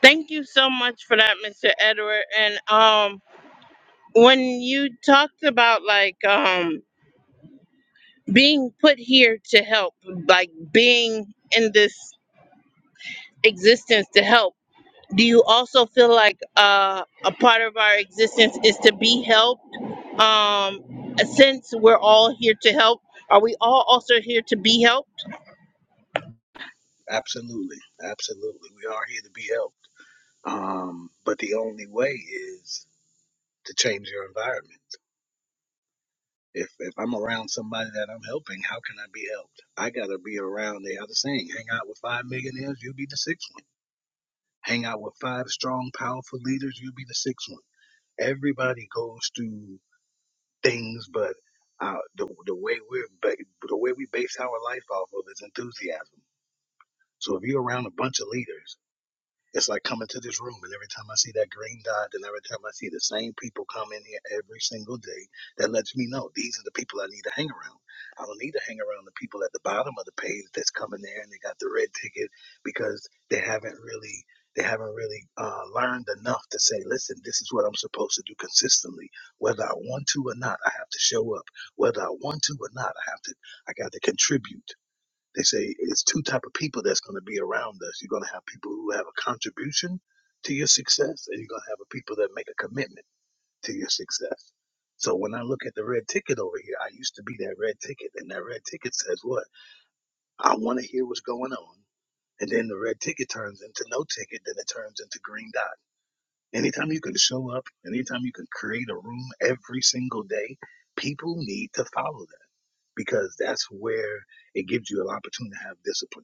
Speaker 2: Thank you so much for that, Mr. Edward. And um, when you talked about like um being put here to help, like being in this existence to help, do you also feel like uh, a part of our existence is to be helped? Um, since we're all here to help, are we all also here to be helped?
Speaker 7: Absolutely. Absolutely. We are here to be helped. Um, but the only way is to change your environment. If if I'm around somebody that I'm helping, how can I be helped? I gotta be around They are the other saying, hang out with five millionaires, you'll be the sixth one. Hang out with five strong, powerful leaders, you'll be the sixth one. Everybody goes through things, but uh, the the way we're ba- the way we base our life off of is enthusiasm. So if you're around a bunch of leaders It's like coming to this room, and every time I see that green dot, and every time I see the same people come in here every single day, that lets me know these are the people I need to hang around. I don't need to hang around the people at the bottom of the page that's coming there and they got the red ticket because they haven't really they haven't really uh, learned enough to say, listen, this is what I'm supposed to do consistently. Whether I want to or not, I have to show up. Whether I want to or not, I have to I got to contribute. They say it's two type of people that's going to be around us. You're going to have people who have a contribution to your success, and you're going to have a people that make a commitment to your success. So when I look at the red ticket over here, I used to be that red ticket, and that red ticket says what? I want to hear what's going on. And then the red ticket turns into no ticket, then it turns into green dot. Anytime you can show up, anytime you can create a room every single day, people need to follow that because that's where it gives you an opportunity to have discipline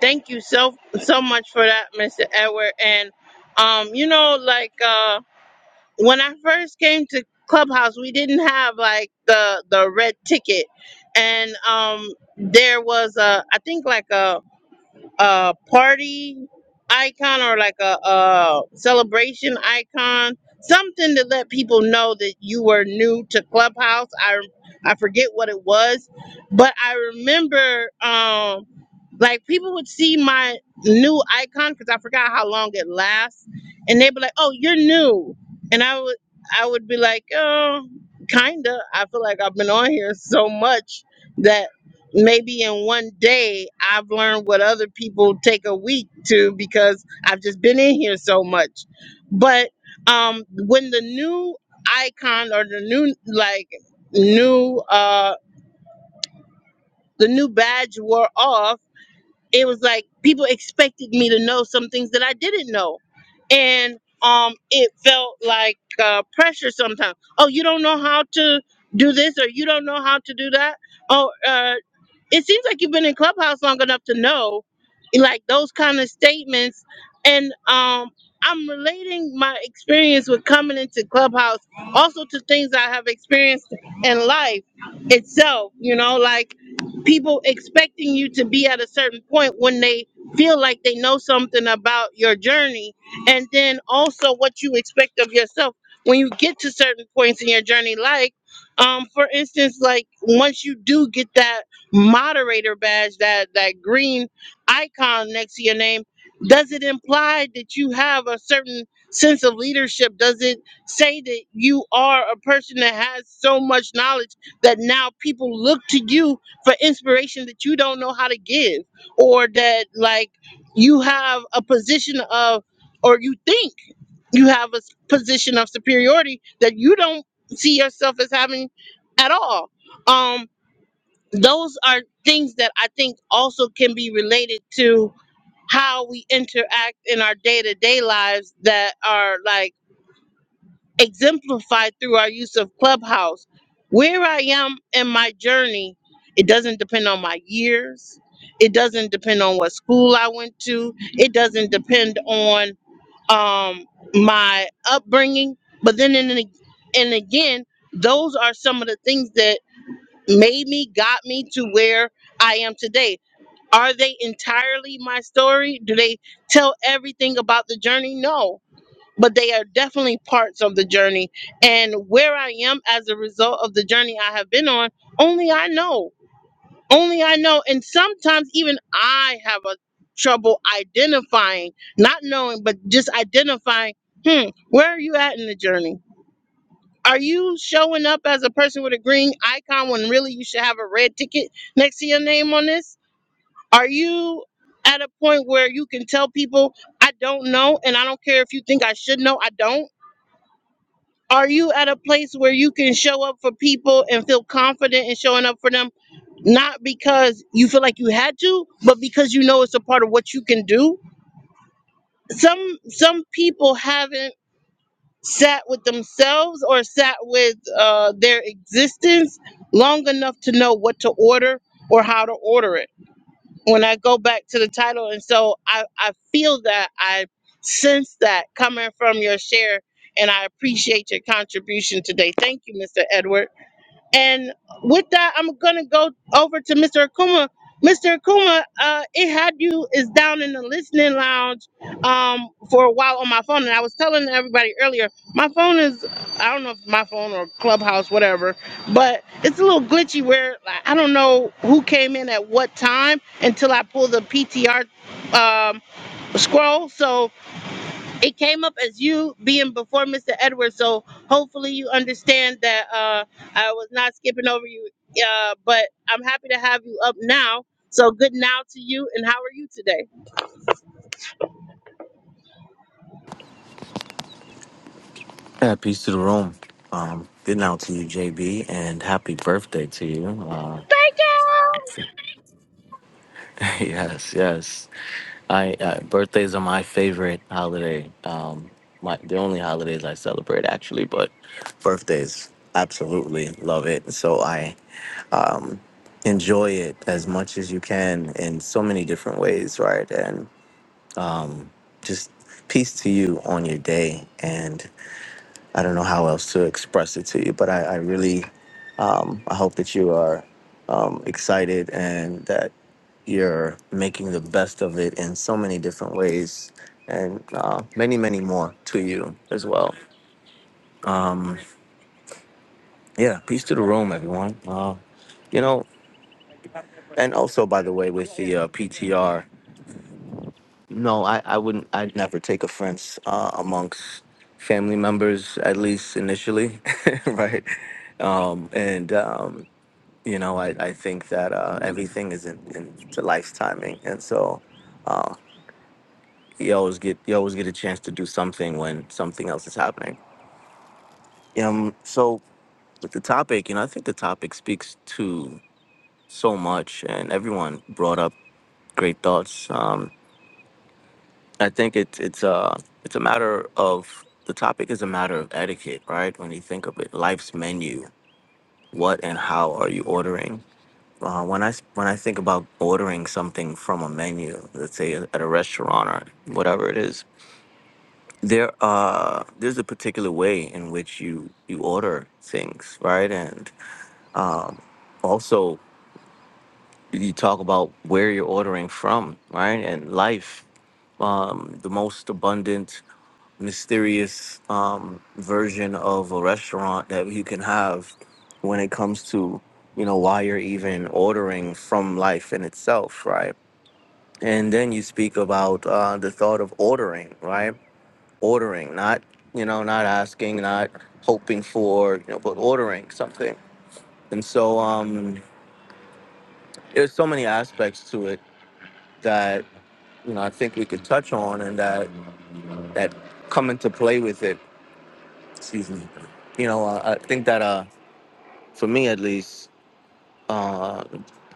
Speaker 2: Thank you so so much for that, Mr. Edward. And um, you know, like uh, when I first came to Clubhouse, we didn't have like the the red ticket, and um, there was a I think like a a party icon or like a, uh celebration icon, something to let people know that you were new to Clubhouse. I I forget what it was, but I remember um like people would see my new icon because I forgot how long it lasts, and they'd be like, "Oh, you're new," and I would I would be like, "Oh, kinda." I feel like I've been on here so much that maybe in one day I've learned what other people take a week to because I've just been in here so much. But um when the new icon or the new like new uh the new badge wore off, it was like people expected me to know some things that I didn't know. And um it felt like uh pressure sometimes. Oh, you don't know how to do this or you don't know how to do that. Oh, uh it seems like you've been in clubhouse long enough to know like those kind of statements and um i'm relating my experience with coming into clubhouse also to things i have experienced in life itself you know like people expecting you to be at a certain point when they feel like they know something about your journey and then also what you expect of yourself when you get to certain points in your journey like um for instance like once you do get that moderator badge, that that green icon next to your name, does it imply that you have a certain sense of leadership? Does it say that you are a person that has so much knowledge that now people look to you for inspiration that you don't know how to give, or that like you have a position of, or you think you have a s- position of superiority that you don't see yourself as having at all? Um, those are things that I think also can be related to how we interact in our day to day lives that are like exemplified through our use of Clubhouse. Where I am in my journey, it doesn't depend on my years, it doesn't depend on what school I went to, it doesn't depend on um, my upbringing. But then, in, and again, those are some of the things that made me, got me to where I am today. Are they entirely my story? Do they tell everything about the journey? No, but they are definitely parts of the journey. And where I am as a result of the journey I have been on, only I know. Only I know. And sometimes even I have a trouble identifying, not knowing, but just identifying, hmm, where are you at in the journey? Are you showing up as a person with a green icon when really you should have a red ticket next to your name on this? Are you at a point where you can tell people, I don't know, and I don't care if you think I should know, I don't? Are you at a place where you can show up for people and feel confident in showing up for them, not because you feel like you had to, but because you know it's a part of what you can do? Some some people haven't sat with themselves or sat with uh, their existence long enough to know what to order or how to order it. When I go back to the title, and so I, I feel that I sense that coming from your share, and I appreciate your contribution today. Thank you, Mr. Edward. And with that, I'm gonna go over to Mr. Akuma. Mr. Akuma, uh, it had you is down in the listening lounge um, for a while on my phone, and I was telling everybody earlier, my phone is I don't know if my phone or Clubhouse, whatever, but it's a little glitchy where like, I don't know who came in at what time until I pull the PTR um, scroll. So it came up as you being before Mr. Edwards, so hopefully you understand that uh, I was not skipping over you. Uh, but I'm happy to have you up now. So good now to you, and how are you today?
Speaker 8: Yeah, peace to the room. Um, good now to you, JB, and happy birthday to you. Uh, (laughs) yes, yes. I uh, birthdays are my favorite holiday. Um, my the only holidays I celebrate actually, but birthdays absolutely love it. So I um, enjoy it as much as you can in so many different ways, right? And just peace to you on your day, and I don't know how else to express it to you, but I, I really um, I hope that you are um, excited and that you're making the best of it in so many different ways and uh, many, many more to you as well. Um, yeah, peace to the room, everyone. Uh, you know, and also, by the way, with the uh, PTR, no, I, I wouldn't, I'd never take offense uh, amongst family members, at least initially, (laughs) right? Um, and, um, you know, I, I think that uh, everything is in, in the life's timing, and so uh, you always get you always get a chance to do something when something else is happening. Um, so with the topic, you know, I think the topic speaks to so much, and everyone brought up great thoughts. Um, I think it's it's a it's a matter of the topic is a matter of etiquette, right? When you think of it, life's menu, what and how are you ordering? Uh, when I s- when I think about ordering something from a menu, let's say at a restaurant or whatever it is, there uh there's a particular way in which you you order things, right? And um, also you talk about where you're ordering from, right? And life, um, the most abundant, mysterious um, version of a restaurant that you can have when it comes to you know why you're even ordering from life in itself, right? and then you speak about uh, the thought of ordering right ordering not you know not asking not hoping for you know but ordering something and so um there's so many aspects to it that you know i think we could touch on and that that come into play with it excuse me you know uh, i think that uh for me at least uh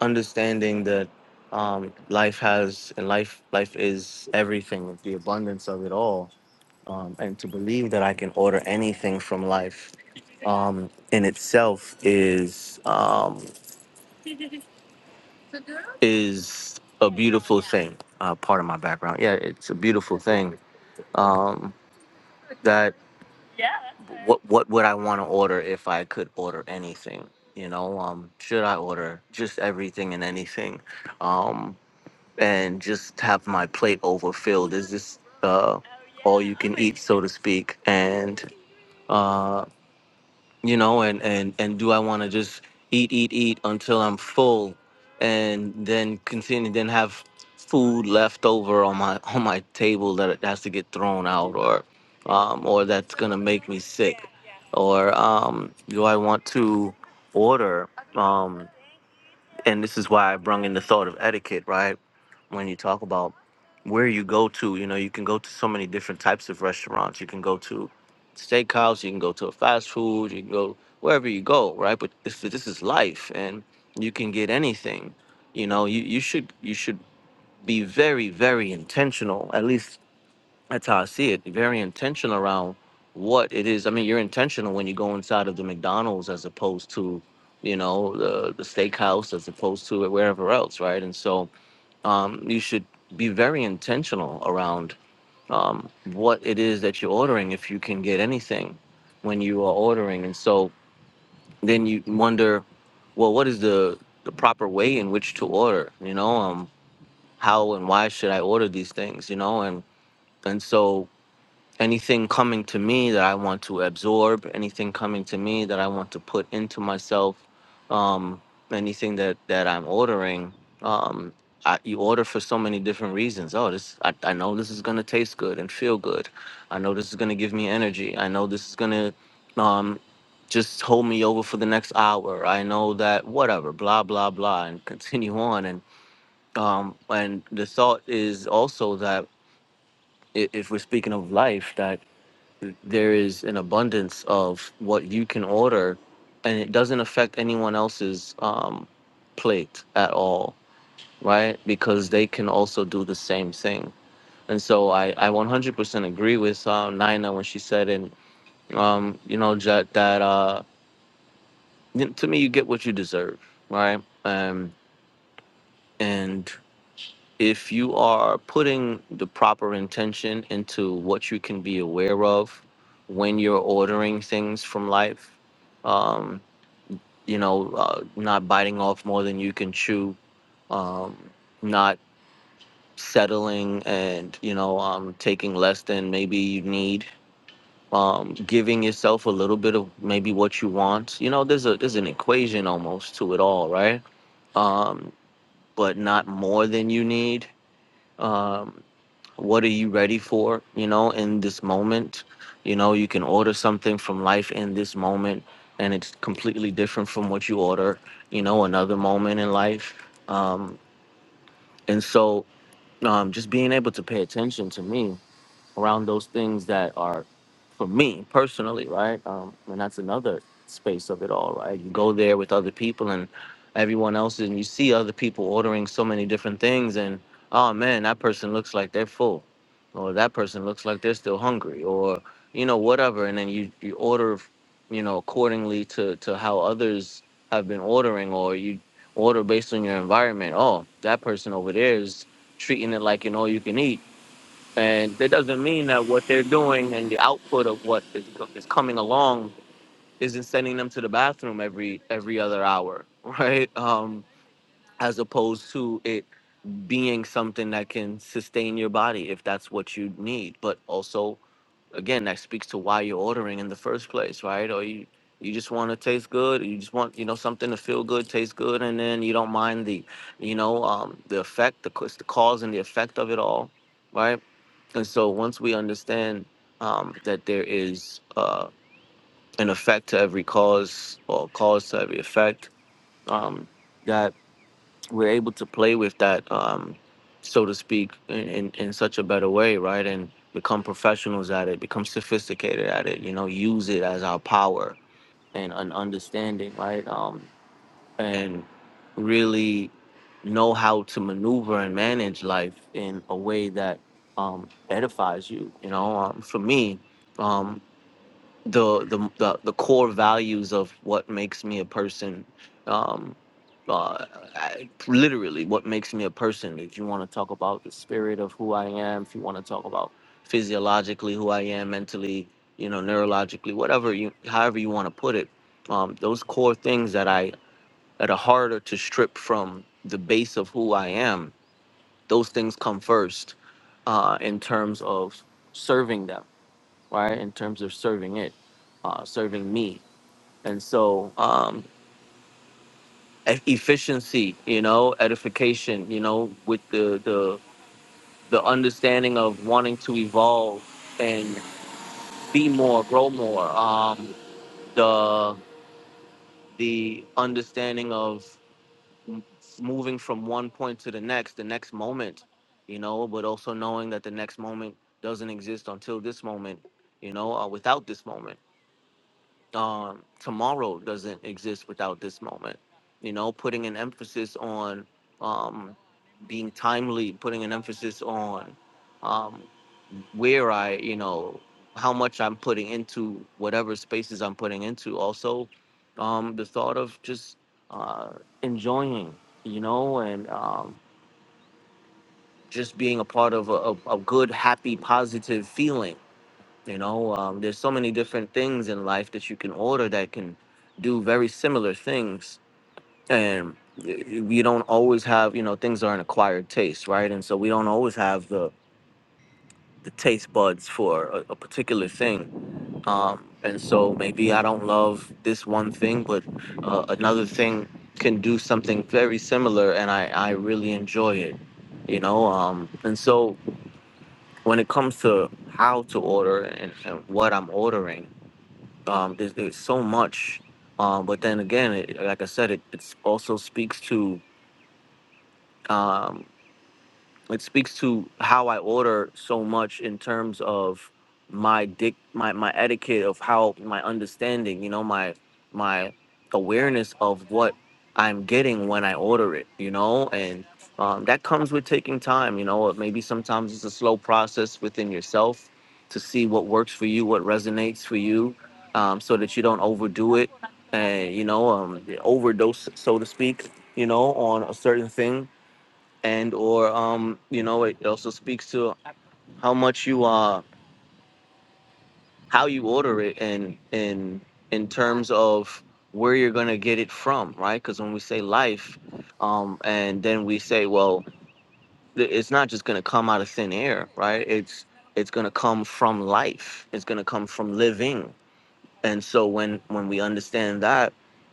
Speaker 8: understanding that um life has and life life is everything the abundance of it all um, and to believe that I can order anything from life um, in itself is um, is thing, uh, part of my background. Yeah, it's a beautiful thing. Um, that what would I want to order if I could order anything? You know, um, should I order just everything and anything, um, and just have my plate overfilled? Is this uh, so to speak? And uh, you know and and and do i want to just eat eat eat until i'm full and then continue then have food left over on my (laughs) on my table that has to get thrown out or um or that's gonna make me or um do i want to order Um, and this is why I brung in the thought of etiquette, right? When you talk about where you go to, you know, you can go to so many different types of restaurants. You can go to steakhouse, you can go to a fast food, you can go wherever you go, right? But this this is life, and you can get anything. You know, you you should you should be very very intentional. At least that's how I see it. Very intentional around what it is. I mean, you're intentional when you go inside of the McDonald's as opposed to, you know, the, the steakhouse as opposed to wherever else, right? And so um, you should be very intentional around um, what it is that you're ordering if you can get anything when you are ordering. And so then you wonder, well, what is the, the proper way in which to order? You know, um, how and why should I order these things? You know, and and so anything coming to me that I want to absorb, anything coming to me that I want to put into myself, um, anything that that I'm ordering, um, I, you order for so many different reasons. Oh, this I, I know this is gonna taste good and feel good. I know this is gonna give me energy. I know this is gonna um, just hold me over for the next hour. I know that whatever, blah blah blah, and (laughs) continue on. And um, and the thought is also that i- if we're speaking of life, that there is an abundance of what you can order and it doesn't affect anyone else's um, plate at all right because they can also do the same thing and so i, I 100% agree with uh, nina when she said and um, you know that, that uh, to me you get what you deserve right um, and if you are putting the proper intention into what you can be aware of when you're ordering things from life, um, you know, uh, not biting off more than you can chew, um, not settling and, you know, um, taking less than maybe you need. Um, giving yourself a little bit of maybe what you want. You know, there's a there's an equation almost to it all, right? Um, but not more than you need Um, what are you ready for you know in this moment you know you can order something from life in this moment and it's completely different from what you order you know another moment in life um and so um just being able to pay attention to me around those things that are for me personally, right? Um, and that's another space of it all, right? You go there with other people and everyone else, and you see other people ordering so many different things, and oh man, that person looks like they're full, or that person looks like they're still hungry, or you know whatever, and then you you order, you know, accordingly to to how others have been ordering, or you order based on your environment. Oh, that person over there is treating it like an all you can eat and that doesn't mean that what they're doing and the output of what is, is coming along isn't sending them to the bathroom every every other hour, (laughs) right? Um, as opposed to it being something that can sustain your body if that's what you need. But also, again, that speaks to why you're ordering in the first place, right? Or you you just want to taste good. Or you just want you know something to feel good, taste good, and then you don't mind the you know um, the effect, the, cause- the cause and the effect of it all, right? And so once we understand um, that there is uh, an effect to every cause or cause to every effect, um, that we're able to play with that, um, so to speak, in, in, in such a better way, right? And become professionals at it, become sophisticated at it, you know, use it as our power and an understanding, right? Um, and really know how to maneuver and manage life in a way that um, edifies you. You know, um, for me, um, the, the the the core values of what makes me a person, um, uh, I- literally, what makes me a person. If you want to talk about the spirit of who I am, if you want to talk about physiologically who I am, mentally, you know, neurologically, whatever you, however you want to put it, um, those core things that I that are harder to strip from the base of who I am, those things come first uh, in terms of serving them, right? In terms of serving it, uh, serving me. And so, um, e- efficiency, you know, edification, you know, with the, the, the understanding of wanting to evolve and be more, grow more, um, the, the understanding of m- moving from one point to the next, the next moment, you know, but also knowing that the next moment doesn't exist until this moment, you know, or without this moment. Um, tomorrow doesn't exist without this moment, you know, putting an emphasis on um, being timely, putting an emphasis on um, where I, you know, how much I'm putting into whatever spaces I'm putting into. Also, um, the thought of just uh, enjoying, you know, and um, just being a part of a, a, a good, happy, positive feeling. You know, um, there's so many different things in life that you can order that can do very similar things. And y- y- we don't always have, you know, things are an acquired taste, right? And so we don't always have the, the taste buds for a, a particular thing um, and so maybe I don't love this one thing, but uh, another thing can do something very similar, and I I really enjoy it, you know. Um, and so when it comes to how to order and, and what I'm ordering, um, there's, there's so much, um, but then again, it, like I said, it it's also speaks to. um, it speaks to how I order so much in terms of my dick my my etiquette of how my understanding, you know, my my awareness of what I'm getting when I order it, you know, and um, that comes with taking time, you know. Or Maybe sometimes it's a slow process within yourself to see what works for you, what resonates for you, um, so that you don't overdo it and you know um, overdose, so to speak, you know, on a certain thing and or um you know it also speaks to how much you uh how you order it and in in terms of where you're gonna get it from right because when we say life um and then we say well th- it's not just gonna come out of thin air right it's it's gonna come from life it's gonna come from living and so when when we understand that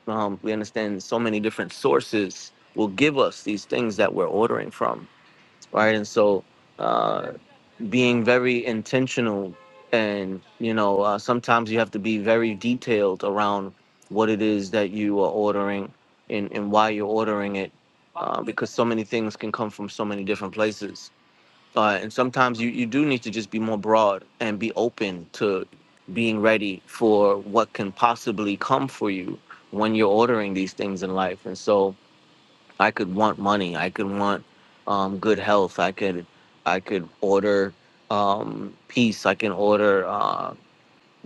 Speaker 8: um we understand so many different sources will give us these things that we're ordering from right and so uh, being very intentional and you know uh, sometimes you have to be very detailed around what it is that you are ordering and, and why you're ordering it uh, because so many things can come from so many different places uh, and sometimes you, you do need to just be more broad and be open to being ready for what can possibly come for you when you're ordering these things in life and so I could want money. I could want um, good health. I could I could order um, peace. I can order uh,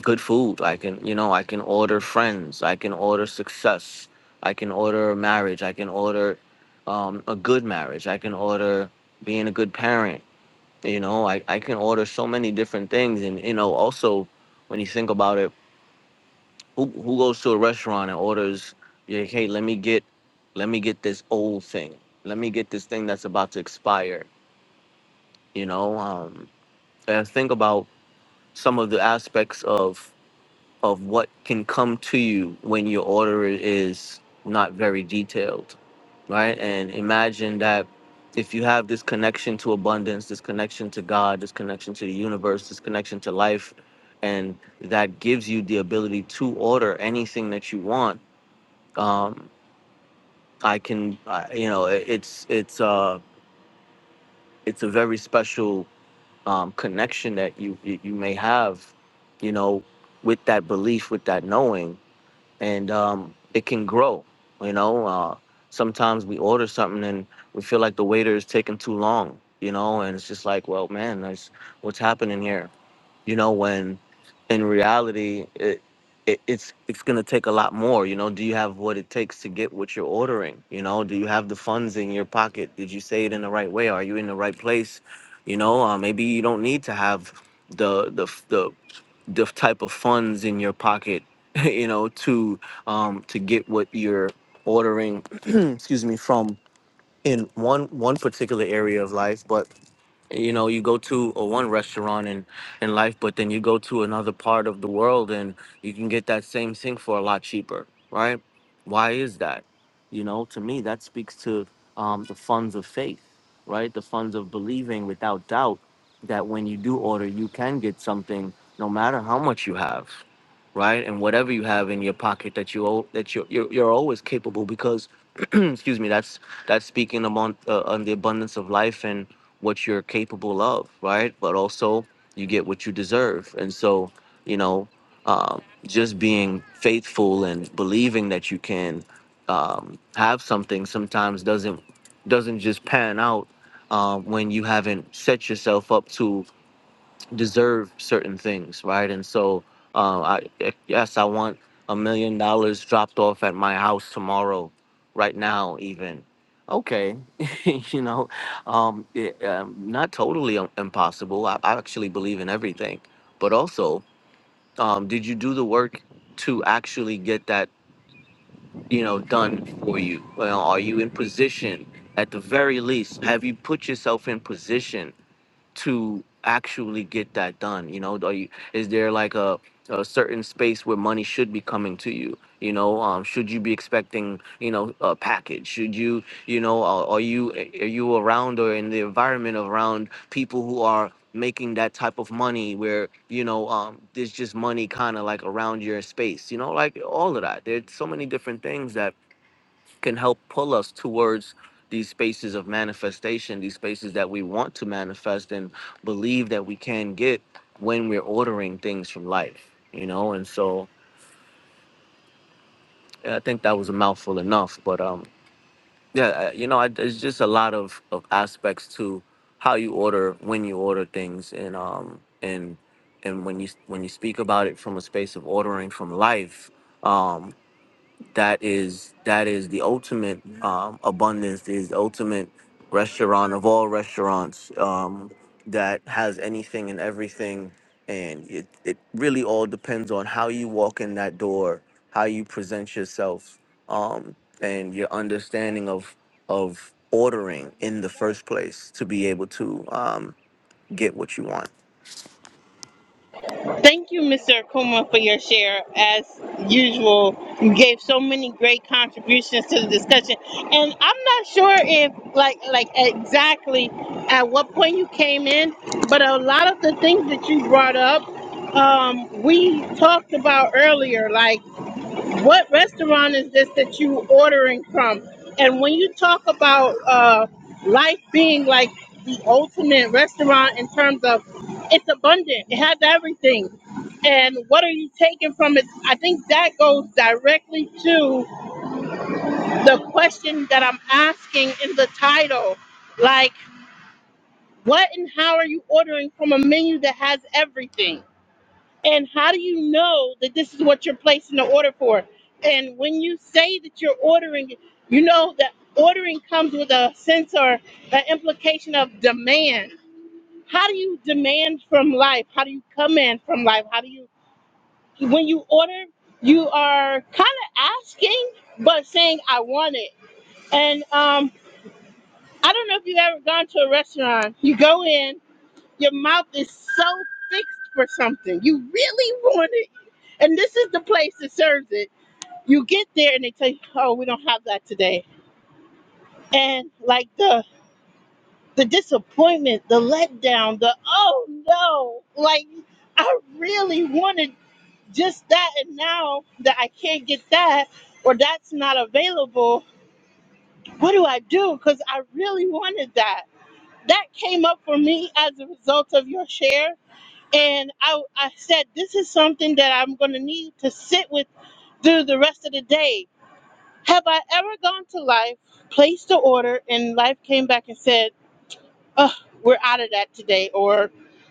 Speaker 8: good food. I can you know I can order friends. I can order success. I can order marriage. I can order um, a good marriage. I can order being a good parent. You know I, I can order so many different things and you know also when you think about it who who goes to a restaurant and orders? Yeah, hey, let me get, let me get this old thing. Let me get this thing that's about to expire. You know, um, and think about some of the aspects of of what can come to you when your order is not very detailed, right? And imagine that if you have this connection to abundance, this connection to God, this connection to the universe, this connection to life, and that gives you the ability to order anything that you want um, I can, I, you know, it, it's it's uh it's a very special um, connection that you you you may have, you know, with that belief, with that knowing, and um, it can grow. You know, uh, sometimes we order something and we feel like the waiter is taking too long. You know, and it's just like, well, man, that's what's happening here. you know when in reality it, it it's it's going to take a lot more you know do you have what it takes to get what you're ordering you know do you have the funds in your pocket did you say it in the right way are you in the right place you know uh, maybe you don't need to have the the the the type of funds in your pocket (laughs) you know to um to get what you're ordering (clears throat) excuse me from in one one particular area of life but you know you go to a one restaurant in in life but then you go to another part of the world and you can get that same thing for a lot cheaper right why is that you know to me that speaks to um, the funds of faith right the funds of believing without doubt that when you do order you can get something no matter how much you have right and whatever you have in your pocket that you al- that you you're, you're always capable because (clears throat) excuse me that's that's speaking among uh, on the abundance of life and what you're capable of, right? But also you get what you deserve. And so, you know, um, just being faithful and believing that you can um, have something sometimes doesn't doesn't just pan out um, when you haven't set yourself up to deserve certain things, right? And so, uh, I yes, I want a million dollars dropped off at my house tomorrow, right now, even. Okay, (laughs) you know, um, it, um, not totally im- impossible. I, I actually believe in everything, but also, um, did you do the work to actually get that, you know, done for you? Well, are you in position? At the very least, have you put yourself in position? to actually get that done? You know, are you, is there like a, a certain space where money should be coming to you? You know, um, should you be expecting, you know, a package? Should you, you know, are, are you are you around or in the environment around people who are making that type of money where you know um, there's just money kind of like around your space? You know, like all of that. There's so many different things that can help pull us towards these spaces of manifestation, these spaces that we want to manifest and believe that we can get when we're ordering things from life, you know? And so yeah, I think that was a mouthful enough, but um, yeah, I- you know, I, there's just a lot of, of aspects to how you order, when you order things, and um, and and when you when you speak about it from a space of ordering from life, um, that is that is the ultimate um, abundance is the ultimate restaurant of all restaurants um, that has anything and everything and it, it really all depends on how you walk in that door how you present yourself um, and your understanding of of ordering in the first place to be able to um, get what you want
Speaker 2: Thank you, Mr. Akuma, for your share. As usual, you gave so many great contributions to the discussion, and I'm not sure if, like, like exactly at what point you came in, but a lot of the things that you brought up, um, we talked about earlier, like. What restaurant is this that you ordering from? And when you talk about uh, life being like the ultimate restaurant in terms of it's abundant, it has everything. And what are you taking from it? I think that goes directly to the question that I'm asking in the title. Like, what and how are you ordering from a menu that has everything? And how do you know that this is what you're placing the order for? And when you say that you're ordering, you know that ordering comes with a sense or an implication of demand. How do you demand from life? How do you command from life? How do you, when you order, you are kind of asking, but saying, I want it. And um, I don't know if you've ever gone to a restaurant. You go in, your mouth is so fixed for something. You really want it. And this is the place that serves it. You get there and they tell you, oh, we don't have that today. And like the the disappointment, the letdown, the oh no, like I really wanted just that and now that I can't get that or that's not available, what do I do? Because I really wanted that. That came up for me as a result of your share And I, I said, This is something that I'm going to need to sit with through the rest of the day. Have I ever gone to life, placed the order, and life came back and said, Oh, we're out of that today, or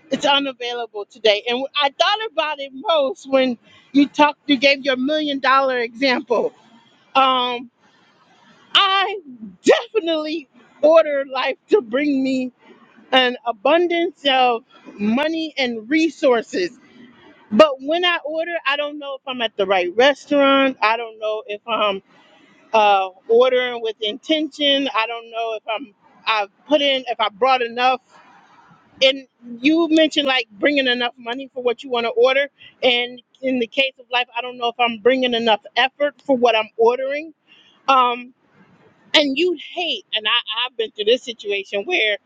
Speaker 2: it's unavailable today? And I thought about it most when you talked, you gave your million dollar example. Um, I definitely order life to bring me an abundance of money and resources But when I order, I don't know if I'm at the right restaurant. I don't know if I'm uh, ordering with intention. I don't know if I'm I've put in if I brought enough. And you mentioned like bringing enough money for what you want to order. And in the case of life, I don't know if I'm bringing enough effort for what I'm ordering. Um, and you hate, and I, I've been through this situation where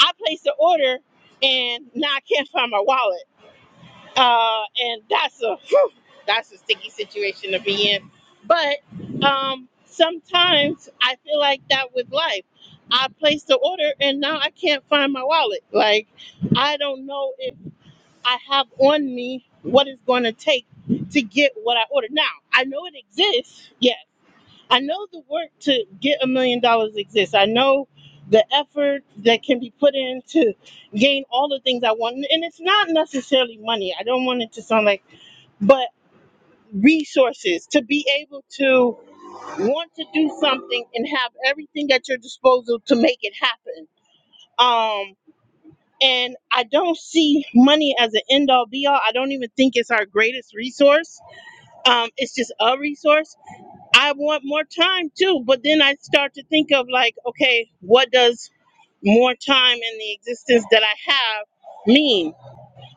Speaker 2: I place the order and now I can't find my wallet. Uh, and that's a that's a sticky situation to be in. But um, sometimes I feel like that with life. I placed the order and now I can't find my wallet. Like, I don't know if I have on me what it's going to take to get what I ordered. Now, I know it exists. Yes. I know the work to get a million dollars exists. I know the effort that can be put in to gain all the things I want. And it's not necessarily money. I don't want it to sound like, but resources to be able to want to do something and have everything at your disposal to make it happen. Um, and I don't see money as an end all be all. I don't even think it's our greatest resource. Um, it's just a resource. I want more time too, but then I start to think of like, okay, what does more time in the existence that I have mean?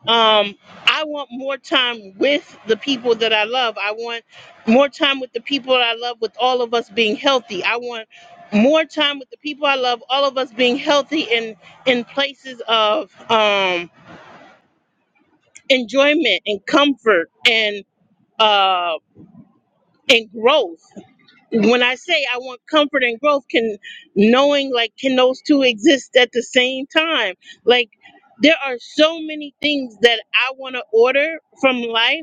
Speaker 2: um i want more time with the people that i love i want more time with the people i love with all of us being healthy i want more time with the people i love all of us being healthy in in places of um enjoyment and comfort and uh and growth when i say i want comfort and growth can knowing like can those two exist at the same time like there are so many things that i want to order from life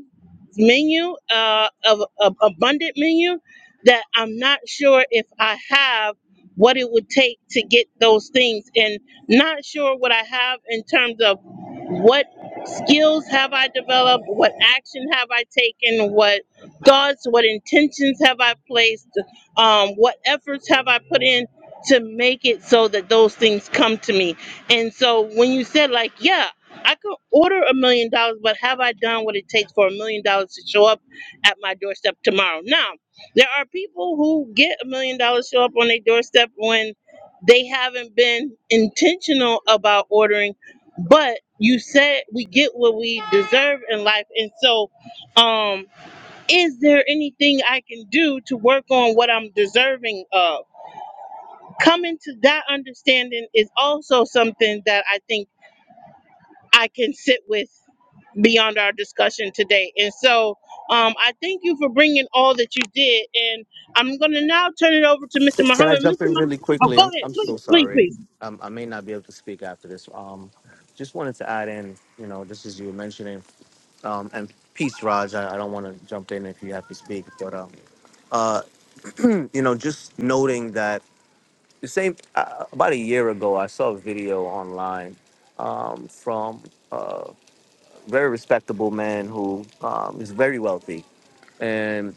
Speaker 2: menu, uh, of, of abundant menu, that I'm not sure if I have what it would take to get those things, and not sure what I have in terms of what skills have I developed, what action have I taken, what thoughts, what intentions have I placed, um, what efforts have I put in to make it so that those things come to me. And so when you said like, yeah. I could order a million dollars, but have I done what it takes for a million dollars to show up at my doorstep tomorrow? Now, there are people who get a million dollars show up on their doorstep when they haven't been intentional about ordering, but you said we get what we deserve in life. And so, um, is there anything I can do to work on what I'm deserving of? Coming to that understanding is also something that I think I can sit with beyond our discussion today. And so um, I thank you for bringing all that you did. And I'm going to now turn it over to Mr.
Speaker 8: Can I
Speaker 2: Muhammad. Mr.
Speaker 8: jump in
Speaker 2: Muhammad,
Speaker 8: really
Speaker 2: oh,
Speaker 8: quickly?
Speaker 2: go
Speaker 8: I'm
Speaker 2: ahead,
Speaker 8: I'm so
Speaker 2: please, please,
Speaker 8: sorry.
Speaker 2: please.
Speaker 8: Um, I may not be able to speak after this. Um, just wanted to add in, you know, just as you were mentioning, um, and peace, Raj. I, I don't want to jump in if you have to speak, but um, uh, (clears throat) you know, just noting that the same uh, about a year ago, I saw a video online um, from a very respectable man who um, is very wealthy, and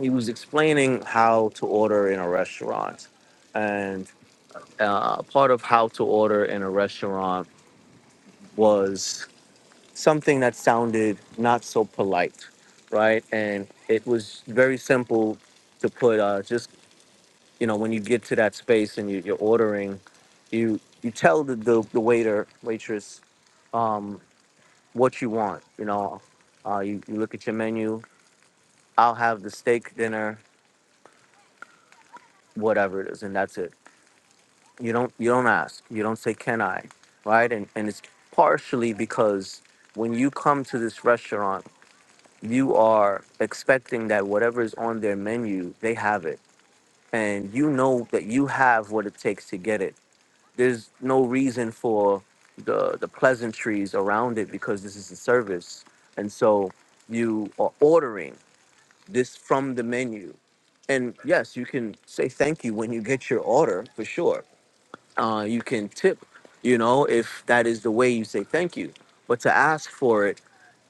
Speaker 8: he was explaining how to order in a restaurant, and uh, part of how to order in a restaurant was something that sounded not so polite, right? And it was very simple to put uh, just, you know, when you get to that space and you, you're ordering, you you tell the, the, the waiter, waitress, um, what you want. You know, uh, you, you look at your menu, I'll have the steak dinner, whatever it is, and that's it you don't you don't ask you don't say can i right and and it's partially because when you come to this restaurant you are expecting that whatever is on their menu they have it and you know that you have what it takes to get it there's no reason for the the pleasantries around it because this is a service and so you are ordering this from the menu and yes you can say thank you when you get your order for sure uh, you can tip you know if that is the way you say thank you but to ask for it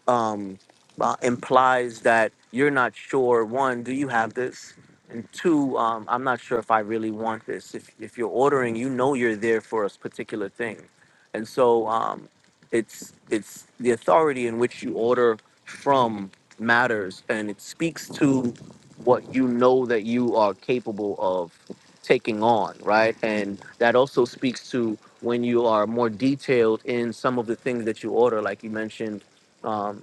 Speaker 8: um, uh, implies that you're not sure. One, do you have this? And two, um, I'm not sure if I really want this. If, if you're ordering, you know you're there for a particular thing, and so um, it's it's the authority in which you order from matters, and it speaks to what you know that you are capable of taking on, right? And that also speaks to when you are more detailed in some of the things that you order, like you mentioned um,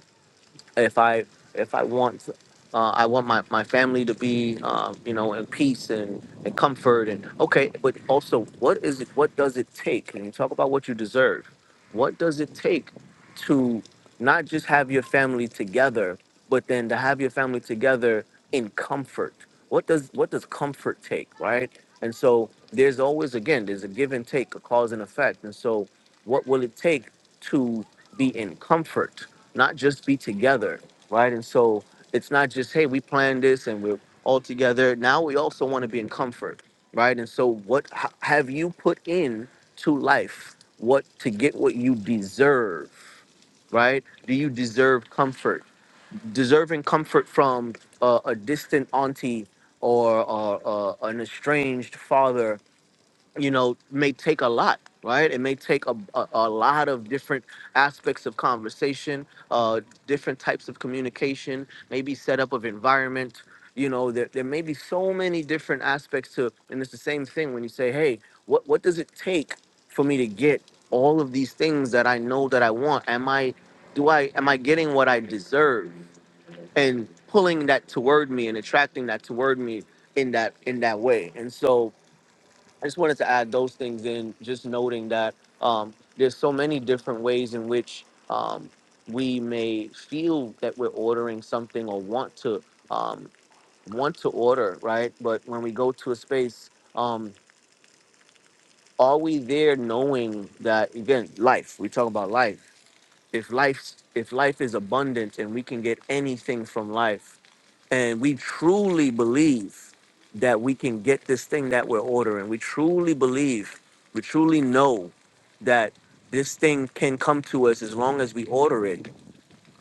Speaker 8: if I if I want uh, I want my, my family to be um, you know in peace and, and comfort and okay, but also what is it what does it take? And you talk about what you deserve. What does it take to not just have your family together, but then to have your family together in comfort? What does what does comfort take, right? And so there's always again there's a give and take, a cause and effect. And so what will it take to be in comfort? not just be together, right? And so it's not just, hey, we planned this and we're all together. Now we also want to be in comfort, right? And so what h- have you put in to life? What to get what you deserve, right? Do you deserve comfort? Deserving comfort from uh, a distant auntie or uh, uh, an estranged father you know, may take a lot, right? It may take a, a, a lot of different aspects of conversation, uh, different types of communication, maybe setup of environment. You know, there, there may be so many different aspects to, and it's the same thing when you say, hey, what, what does it take for me to get all of these things that I know that I want? Am I, do I, am I getting what I deserve? And pulling that toward me and attracting that toward me in that, in that way. And so, I just wanted to add those things in, just noting that um, there's so many different ways in which um, we may feel that we're ordering something or want to um, want to order, right? But when we go to a space, um, are we there knowing that again, life? We talk about life if life if life is abundant and we can get anything from life and we truly believe that we can get this thing that we're ordering we truly believe we truly know that this thing can come to us as long as we order it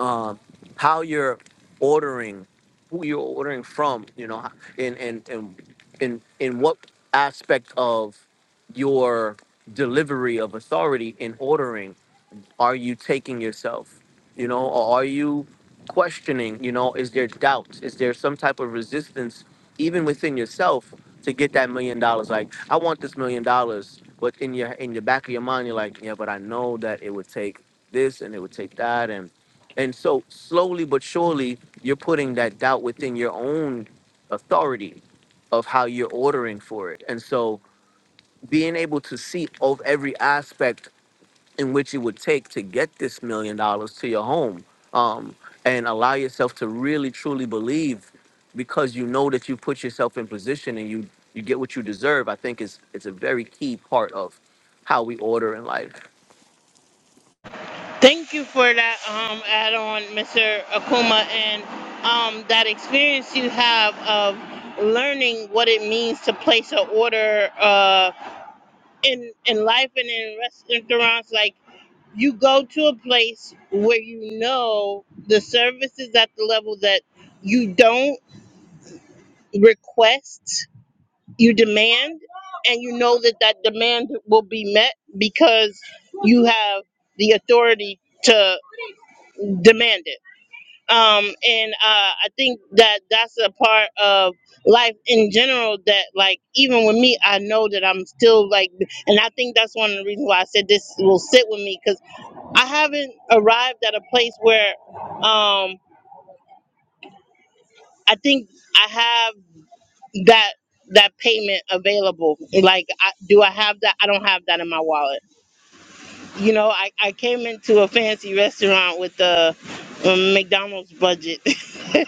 Speaker 8: um, how you're ordering who you're ordering from you know and and and in in what aspect of your delivery of authority in ordering are you taking yourself you know or are you questioning you know is there doubt is there some type of resistance even within yourself to get that million dollars like i want this million dollars but in your in the back of your mind you're like yeah but i know that it would take this and it would take that and and so slowly but surely you're putting that doubt within your own authority of how you're ordering for it and so being able to see of every aspect in which it would take to get this million dollars to your home um, and allow yourself to really truly believe because you know that you put yourself in position and you you get what you deserve i think is it's a very key part of how we order in life
Speaker 2: Thank you for that um, add on, Mr. Akuma, and um, that experience you have of learning what it means to place an order uh, in, in life and in restaurants. Like, you go to a place where you know the service is at the level that you don't request, you demand, and you know that that demand will be met because you have the authority to demand it. Um, and uh, I think that that's a part of life in general that, like, even with me, I know that I'm still like, and I think that's one of the reasons why I said this will sit with me 'cause I haven't arrived at a place where um I think I have that that payment available. Like I, do I have that? I don't have that in my wallet. You know, I, I came into a fancy restaurant with the um, McDonald's budget. (laughs) so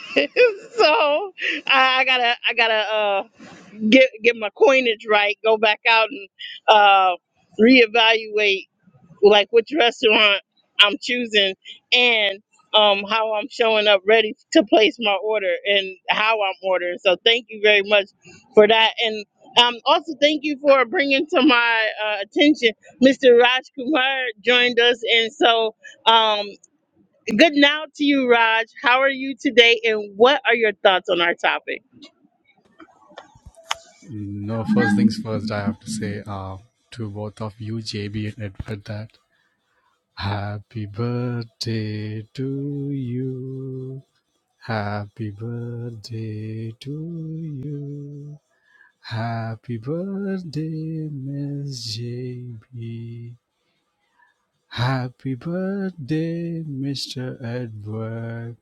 Speaker 2: I, I gotta I gotta uh get get my coinage right, go back out and uh reevaluate like which restaurant I'm choosing and um how I'm showing up ready to place my order and how I'm ordering. So thank you very much for that and um also thank you for bringing to my uh, attention Mr. Raj Kumar joined us and so um good now to you Raj. How are you today and what are your thoughts on our topic?
Speaker 9: No, first things first, I have to say uh, to both of you, JB and Edward, that happy birthday to you. Happy birthday to you. Happy birthday, Miss JB. Happy birthday, Mr. Edward.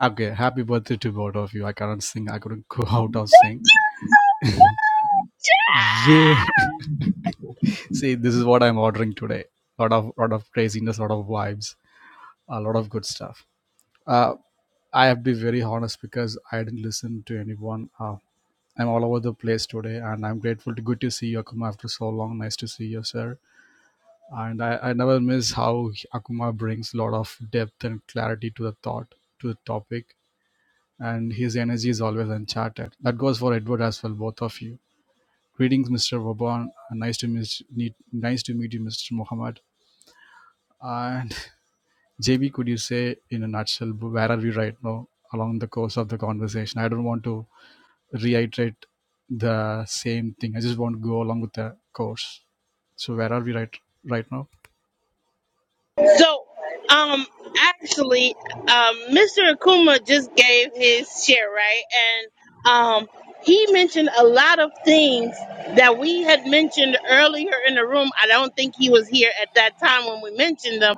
Speaker 9: Okay, happy birthday to both of you. I can't sing. I couldn't go (laughs) out of sing. (laughs) Yeah. See, this is what I'm ordering today. Lot of lot of craziness, lot of vibes, a lot of good stuff. Uh, I have to be very honest because I didn't listen to anyone. Uh, I'm all over the place today, and I'm grateful. To, good to see you, Akuma, after so long. Nice to see you, sir. And I, I never miss how Akuma brings a lot of depth and clarity to the thought, to the topic, and his energy is always uncharted. That goes for Edward as well, both of you. Greetings, Mr. Vaban. Nice to meet, meet- nice to meet you, Mr. Muhammad. And JB, could you say in a nutshell where are we right now along the course of the conversation? I don't want to reiterate the same thing. I just want to go along with the course. So where are we right right now?
Speaker 2: So, um, actually, um, Mr. Akuma just gave his share, right? And um, he mentioned a lot of things that we had mentioned earlier in the room. I don't think he was here at that time when we mentioned them,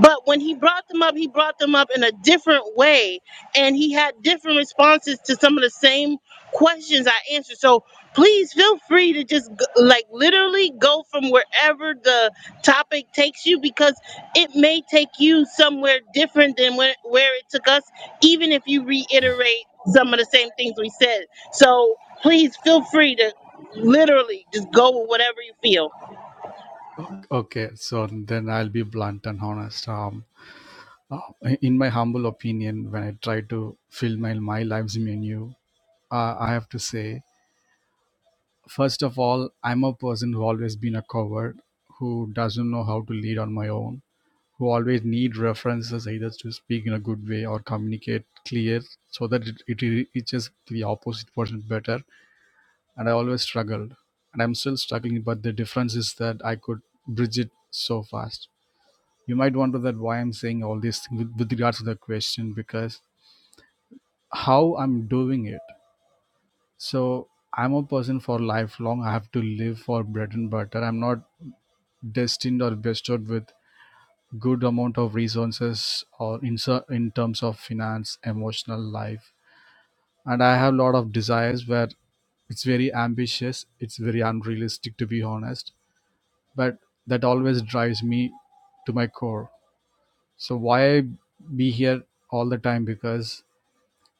Speaker 2: but when he brought them up, he brought them up in a different way, and he had different responses to some of the same questions I answered. So. Please feel free to just g- like literally go from wherever the topic takes you because it may take you somewhere different than where, where it took us, even if you reiterate some of the same things we said. So please feel free to literally just go with whatever you feel.
Speaker 9: Okay, so then I'll be blunt and honest. Um, uh, in my humble opinion, when I try to fill my my life's menu, uh, I have to say first of all, I'm a person who always been a coward who doesn't know how to lead on my own who always need references either to speak in a good way or communicate clear so that it, it reaches the opposite person better and i always struggled and i'm still struggling but the difference is that i could bridge it so fast you might wonder that why i'm saying all these things with, with regards to the question because how i'm doing it so i'm a person for lifelong i have to live for bread and butter i'm not destined or bestowed with good amount of resources or in, ser- in terms of finance emotional life and i have a lot of desires where it's very ambitious it's very unrealistic to be honest but that always drives me to my core so why I be here all the time because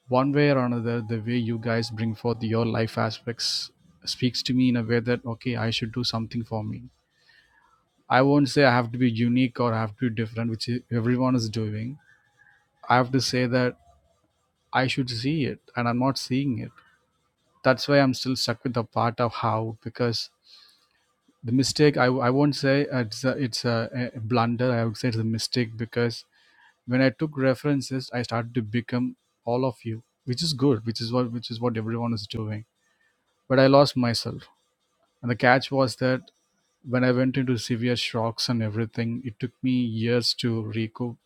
Speaker 9: one way or another the way you guys bring forth your life aspects speaks to me in a way that okay i should do something for me i won't say i have to be unique or i have to be different which i- everyone is doing i have to say that I should see it and I'm not seeing it. That's why I'm still stuck with the part of how because the mistake I, I won't say it's a, it's a, a blunder. I would say it's a mistake because when I took references, I started to become all of you, which is good, which is what which is what everyone is doing. But I lost myself, and the catch was that when I went into severe shocks and everything, it took me years to recoup,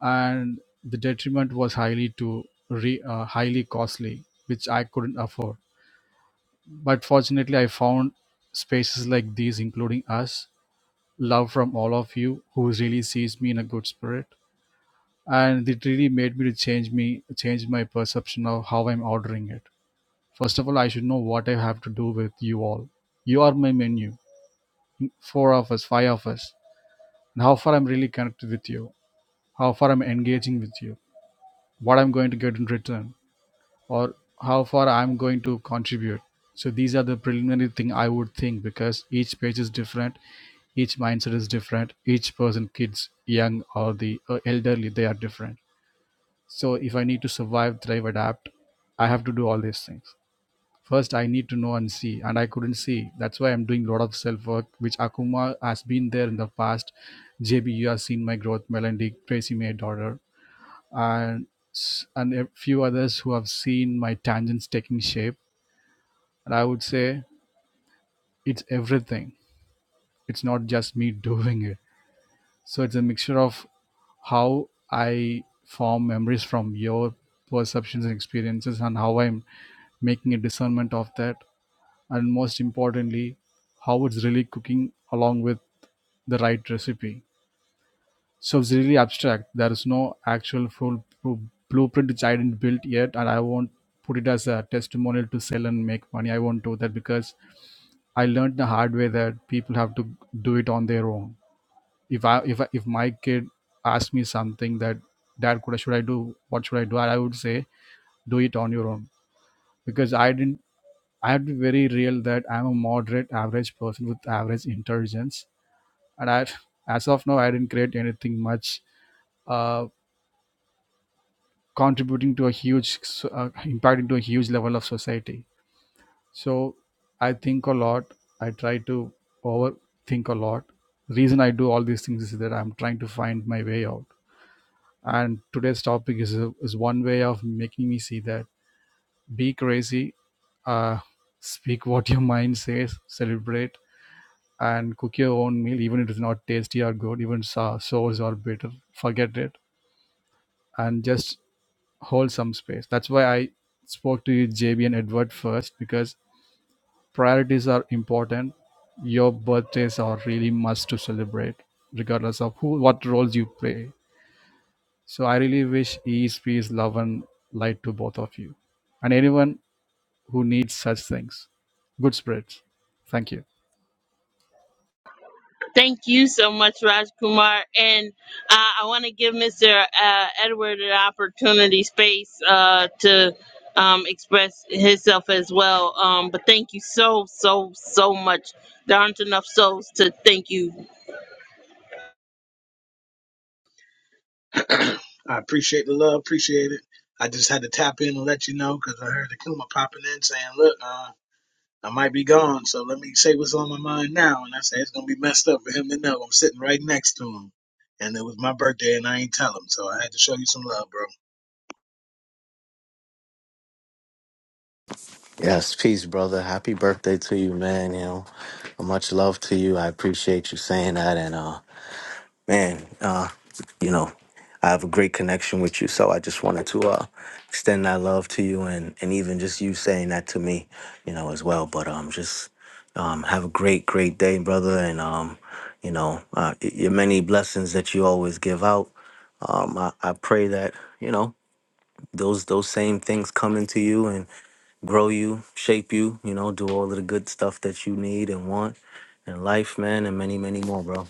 Speaker 9: and the detriment was highly to re, uh, highly costly, which I couldn't afford But fortunately, I found spaces like these, including us, love from all of you who really sees me in a good spirit. And it really made me to change me, change my perception of how I'm ordering it. First of all, I should know what I have to do with you all. You are my menu, four of us, five of us, and how far I'm really connected with you, how far I'm engaging with you, what I'm going to get in return or how far I'm going to contribute. So these are the preliminary thing I would think because each page is different, each mindset is different, each person, kids, young or the uh, elderly, they are different. So if I need to survive, thrive, adapt, I have to do all these things. First, I need to know and see, and I couldn't see. That's why I'm doing a lot of self work, which Akuma has been there in the past. JB, you have seen my growth. Melody, Tracy, my daughter, and s- and a few others who have seen my tangents taking shape and i would say it's everything it's not just me (laughs) doing it so it's a mixture of how i form memories from your perceptions and experiences and how i'm making a discernment of that and most importantly how it's really cooking along with the right recipe So it's really abstract. There is no actual full pro- blueprint which I didn't build yet, and I won't put it as a testimonial to sell and make money. I won't do that because I learned the hard way that people have to do it on their own. If I if I, if my kid asked me something that dad could I should I do what should I do, I would say do it on your own because I didn't. I have to be very real that I'm a moderate average person with average intelligence, and I as of now I didn't create anything much Uh. contributing to a huge s- uh, impact into a huge level of society so i think a lot i try to overthink a lot reason i do all these things is that i'm trying to find my way out and today's topic is, a, is one way of making me see that be crazy uh, speak what your mind says celebrate and cook your own meal even if it's not tasty or good even sour, sours or bitter forget it and just Hold some space. That's why I spoke to you, JB and Edward first, because priorities are important. Your birthdays are really must to celebrate, regardless of who, what roles you play. So I really wish ease, peace, love, and light to both of you, and anyone who needs such things. Good spirits. Thank you.
Speaker 2: Thank you so much, Raj Kumar. And uh, I want to give Mr. Uh, Edward an opportunity space uh, to um, express himself as well. Um, but thank you so, so, so much. There aren't enough souls to thank you
Speaker 7: (clears throat) I appreciate the love, appreciate it. I just had to tap in and let you know because I heard Akuma popping in saying, "Look, uh, I might be gone, so let me say what's on my mind now." And I said, "It's gonna be messed up for him to know I'm sitting right next to him." And it was my birthday, and I ain't tell him, so I had to show you some love, bro.
Speaker 8: Yes, peace, brother. Happy birthday to you, man. You know, much love to you. I appreciate you saying that. And uh, man, you know, I have a great connection with you. So I just wanted to uh, extend that love to you, and and even just you saying that to me, you know, as well. But um, just um, have a great, great day, brother, and um, you know, uh, y- your many blessings that you always give out. Um, I, I pray that you know those those same things come into you and grow you, shape you, you know, do all of the good stuff that you need and want in life, man, and many, many more, bro.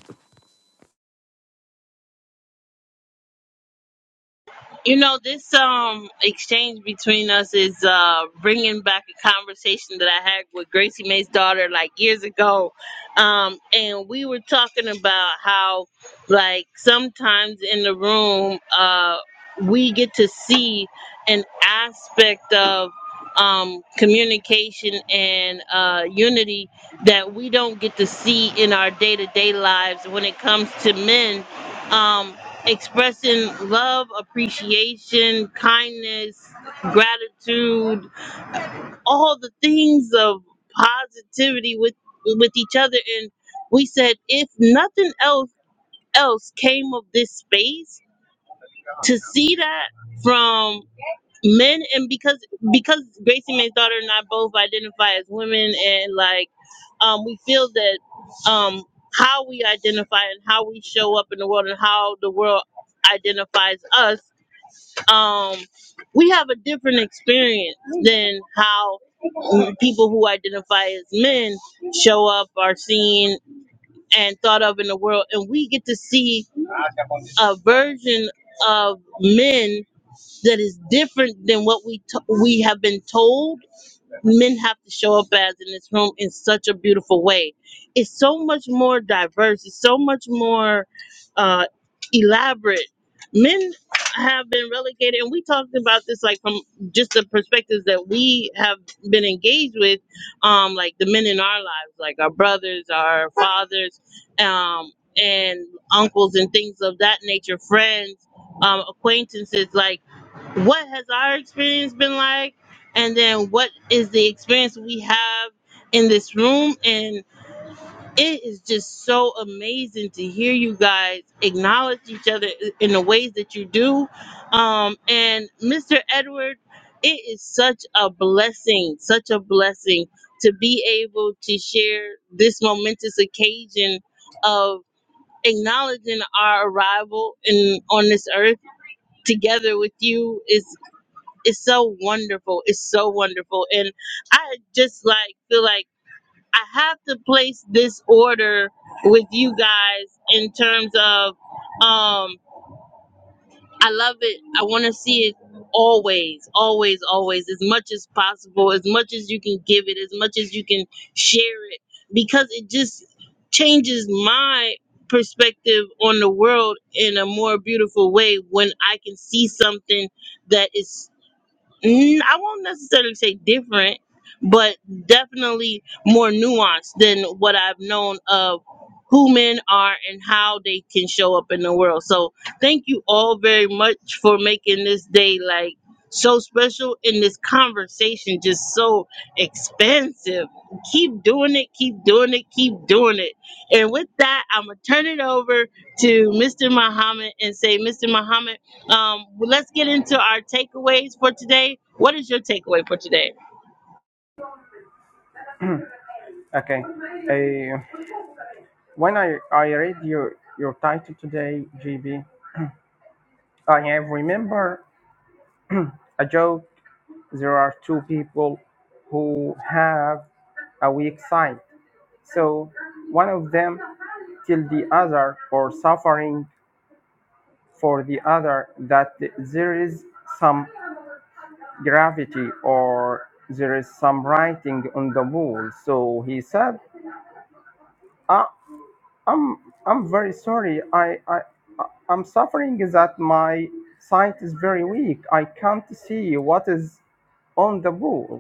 Speaker 2: You know, this um exchange between us is uh bringing back a conversation that I had with Gracie May's daughter like years ago. Um and we were talking about how like sometimes in the room uh we get to see an aspect of um communication and uh unity that we don't get to see in our day-to-day lives when it comes to men. Um expressing love, appreciation, kindness, gratitude, all the things of positivity with with each other and we said if nothing else else came of this space to see that from men and because because Gracie May's daughter and I both identify as women and like um we feel that um how we identify and how we show up in the world and how the world identifies us um we have a different experience than how people who identify as men show up are seen and thought of in the world and we get to see a version of men that is different than what we to- we have been told men have to show up as in this room in such a beautiful way. It's so much more diverse. It's so much more uh, elaborate. Men have been relegated, and we talked about this like from just the perspectives that we have been engaged with, um, like the men in our lives, like our brothers, our fathers, um, and uncles, and things of that nature, friends, um, acquaintances, like what has our experience been like and then what is the experience we have in this room and it is just so amazing to hear you guys acknowledge each other in the ways that you do um and mr edward it is such a blessing such a blessing to be able to share this momentous occasion of acknowledging our arrival in on this earth together with you is. It's so wonderful. It's so wonderful. And I just like feel like I have to place this order with you guys in terms of um I love it. I want to see it always, always, always, as much as possible, as much as you can give it, as much as you can share it, because it just changes my perspective on the world in a more beautiful way when I can see something that is Mm, I won't necessarily say different, but definitely more nuanced than what I've known of who men are and how they can show up in the world. So thank you all very much for making this day like so special and this conversation just so expansive. Keep doing it, keep doing it, keep doing it. And with that, I'm gonna turn it over to Mr. Muhammad and say, Mr. Muhammad. Um, well, let's get into our takeaways for today. What is your takeaway for today?
Speaker 1: Okay. Uh, when I, I read your, your title today, GB, I have remember a joke there are two people who have a weak side. So one of them till the other or suffering for the other that there is some gravity or there is some writing on the wall. So he said, I, I'm I'm very sorry. I, I I- I'm suffering that my sight is very weak. I can't see what is on the wall.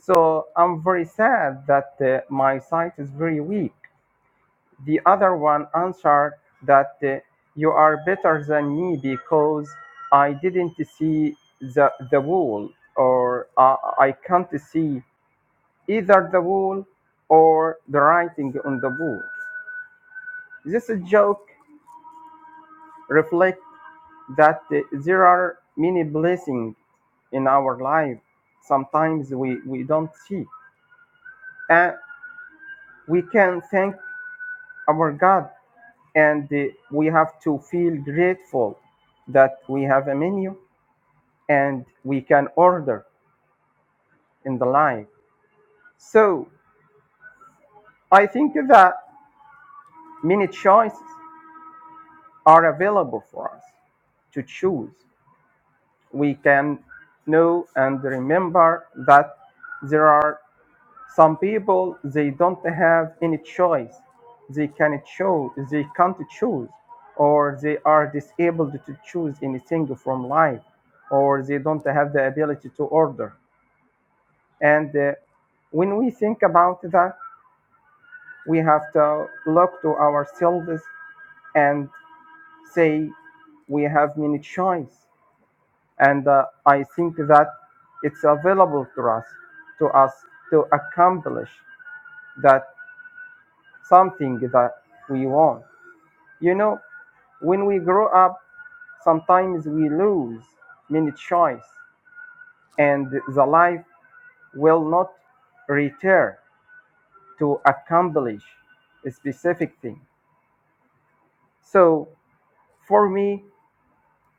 Speaker 1: So I'm very sad that uh, my sight is very weak. The other one answered that uh, you are better than me because I didn't see the, the wool or uh, I can't see either the wool or the writing on the wool. This joke reflects that uh, there are many blessings in our life. Sometimes we, we don't see. And we can thank our God and uh, we have to feel grateful that we have a menu and we can order in the line. So I think that many choices are available for us to choose. We can know and remember that there are Some people they don't have any choice. They can choose. They can't choose, or they are disabled to choose anything from life, or they don't have the ability to order. And uh, when we think about that, we have to look to ourselves and say we have many choice. And uh, I think that it's available to us, to us to accomplish that something that we want. You know, when we grow up, sometimes we lose many choice and the life will not return to accomplish a specific thing. So for me,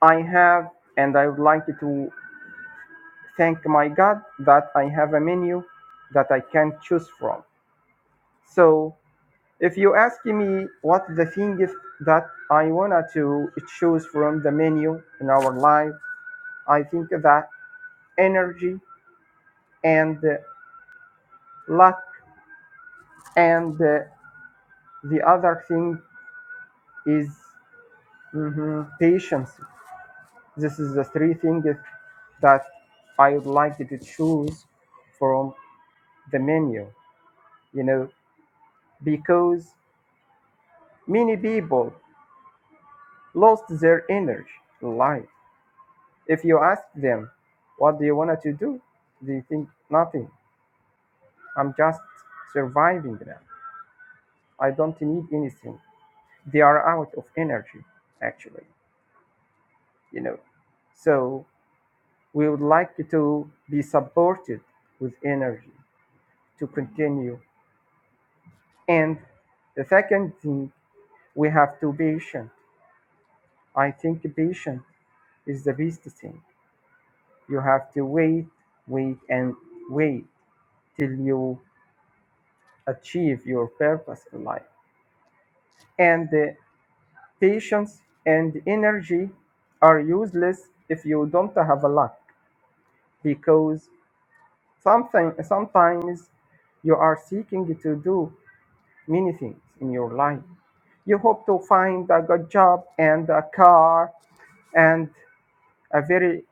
Speaker 1: I have and I would like to thank my God that I have a menu that I can choose from. So If you ask me what the thing is that I wanna to choose from the menu in our life, I think that energy and uh, luck and uh, the other thing is mhm, patience. This is the three things that I would like to choose from the menu. You know, because many people lost their energy in life If you ask them, what do you want to do? They think nothing. I'm just surviving now. I don't need anything. They are out of energy, actually, you know. So we would like to be supported with energy to continue. And the second thing, we have to be patient. I think patient is the best thing. You have to wait, wait, and wait till you achieve your purpose in life. and the patience and energy are useless if you don't have luck because something sometimes you are seeking to do many things in your life you hope to find a good job and a car and a very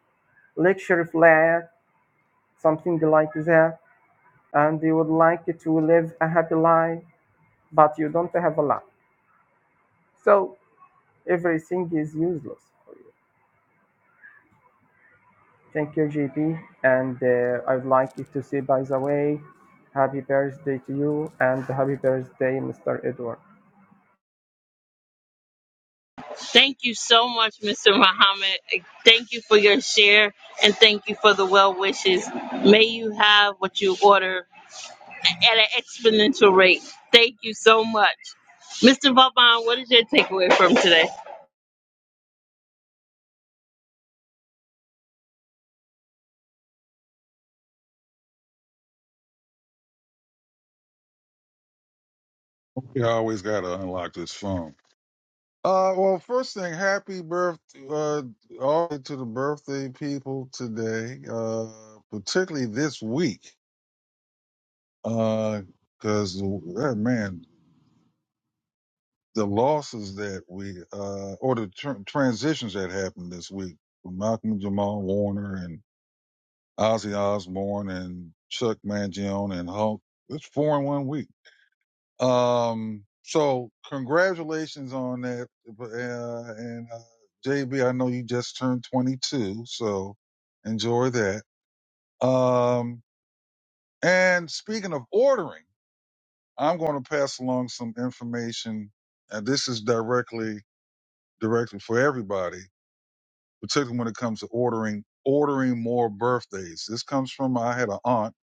Speaker 1: luxury flat something like that and you would like to live a happy life but you don't have a lot so everything is useless for you. Thank you, JP. And uh, I would like to say, by the way, happy birthday to you and happy birthday, Mr. Edward.
Speaker 2: Thank you so much, Mr. Muhammad. Thank you for your share and thank you for the well wishes. May you have what you order at an exponential rate. Thank you so much. Mr. Vaban, what is your takeaway from today?
Speaker 4: it. Yeah, I always got to unlock this phone. Uh, well, first thing, happy birth uh, all to the birthday people today, uh, particularly this week, because uh, man, the losses that we uh, or the tr- transitions that happened this week from Malcolm Jamal Warner and Ozzy Osbourne and Chuck Mangione and Hulk. It's four in one week. Um, so congratulations on that. Uh, and uh, JB, I know you just turned 22, so enjoy that. Um, and speaking of ordering, I'm going to pass along some information. And this is directly directly for everybody particularly when it comes to ordering ordering more birthdays. This comes from I had an aunt.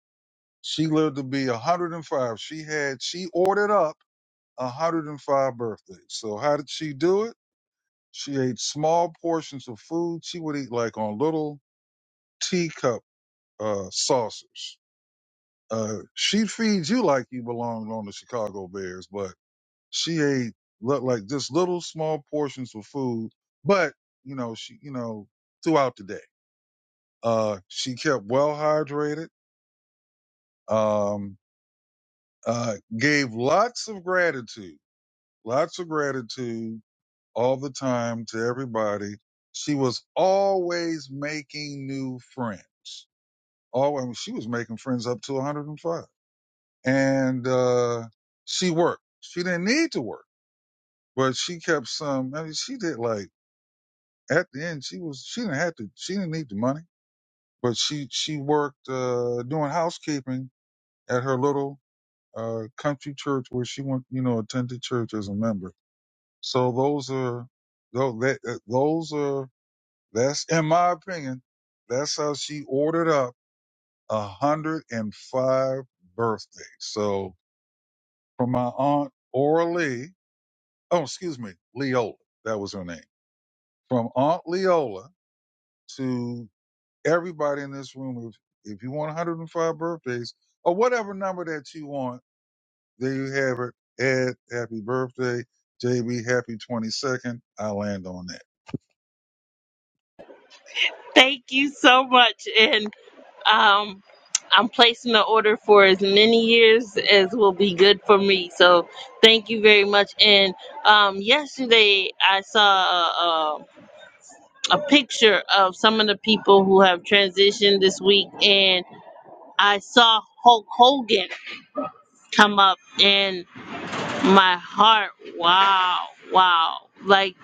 Speaker 4: She lived to be 105. She had she ordered up 105 birthdays. So how did she do it? She ate small portions of food. She would eat like on little teacup uh, saucers. Uh, she feeds you like you belonged on the Chicago Bears, but she ate look like just little small portions of food. But you know she you know throughout the day. Uh, she kept well hydrated, um, uh, gave lots of gratitude, lots of gratitude all the time to everybody. She was always making new friends. Oh, I mean, she was making friends up to 105. And, uh, she worked. She didn't need to work, but she kept some, I mean, she did like, at the end, she was, she didn't have to, she didn't need the money, but she, she worked, uh, doing housekeeping at her little uh, country church where she went, you know, attended church as a member. So those are, tho- that- uh, those are, that's, in my opinion, that's how she ordered up 105 birthdays. So from my aunt Orly, oh, excuse me, Leola, that was her name. From Aunt Leola to everybody in this room, if, if you want 105 birthdays or whatever number that you want, There you have it. Ed, happy birthday. JB, happy 22nd. I land on that.
Speaker 2: Thank you so much. And um, I'm placing the order for as many years as will be good for me. So thank you very much. And um, yesterday I saw a, a, a picture of some of the people who have transitioned this week, and I saw Hulk Hogan come up, and my heart, wow, wow. Like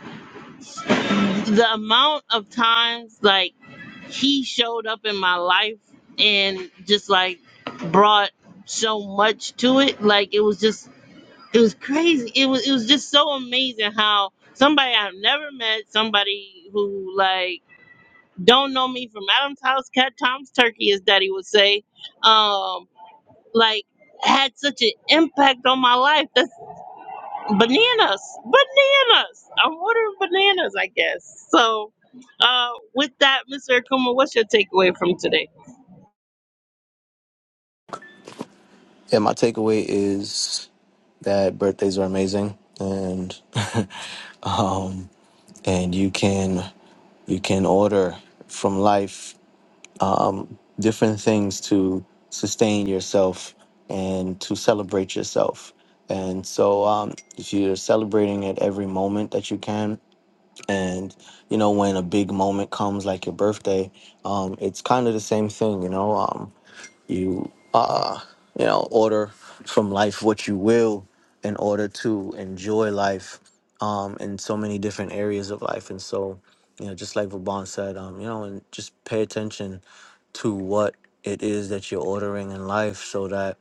Speaker 2: the amount of times, like he showed up in my life and just like brought so much to it. Like it was just it was crazy. It was it was just so amazing how somebody I've never met, somebody who like don't know me from Adam's house, Cat Tom's turkey, as Daddy would say, um, like had such an impact on my life. That's bananas, bananas. I'm ordering bananas, I guess. So, uh, with that, Mr. Akuma, what's your takeaway from today?
Speaker 8: Yeah, my takeaway is. that birthdays are amazing and (laughs) um, and you can you can order from life um, different things to sustain yourself and to celebrate yourself and so um, if you're celebrating at every moment that you can and you know when a big moment comes like your birthday um, it's kind of the same thing you know um, you uh you know order from life what you will in order to enjoy life um in so many different areas of life and so you know just like Vaban said um you know and just pay attention to what it is that you're ordering in life so that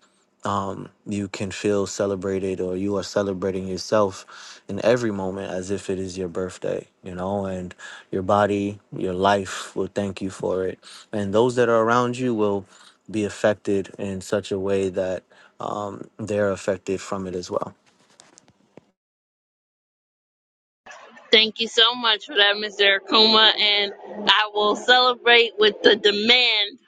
Speaker 8: um, you can feel celebrated or you are celebrating yourself in every moment as if it is your birthday, you know, and your body, your life will thank you for it. And those that are around you will be affected in such a way that um, they're affected from it as well.
Speaker 2: Thank you so much for that, Mr. Akuma, and I will celebrate with the demand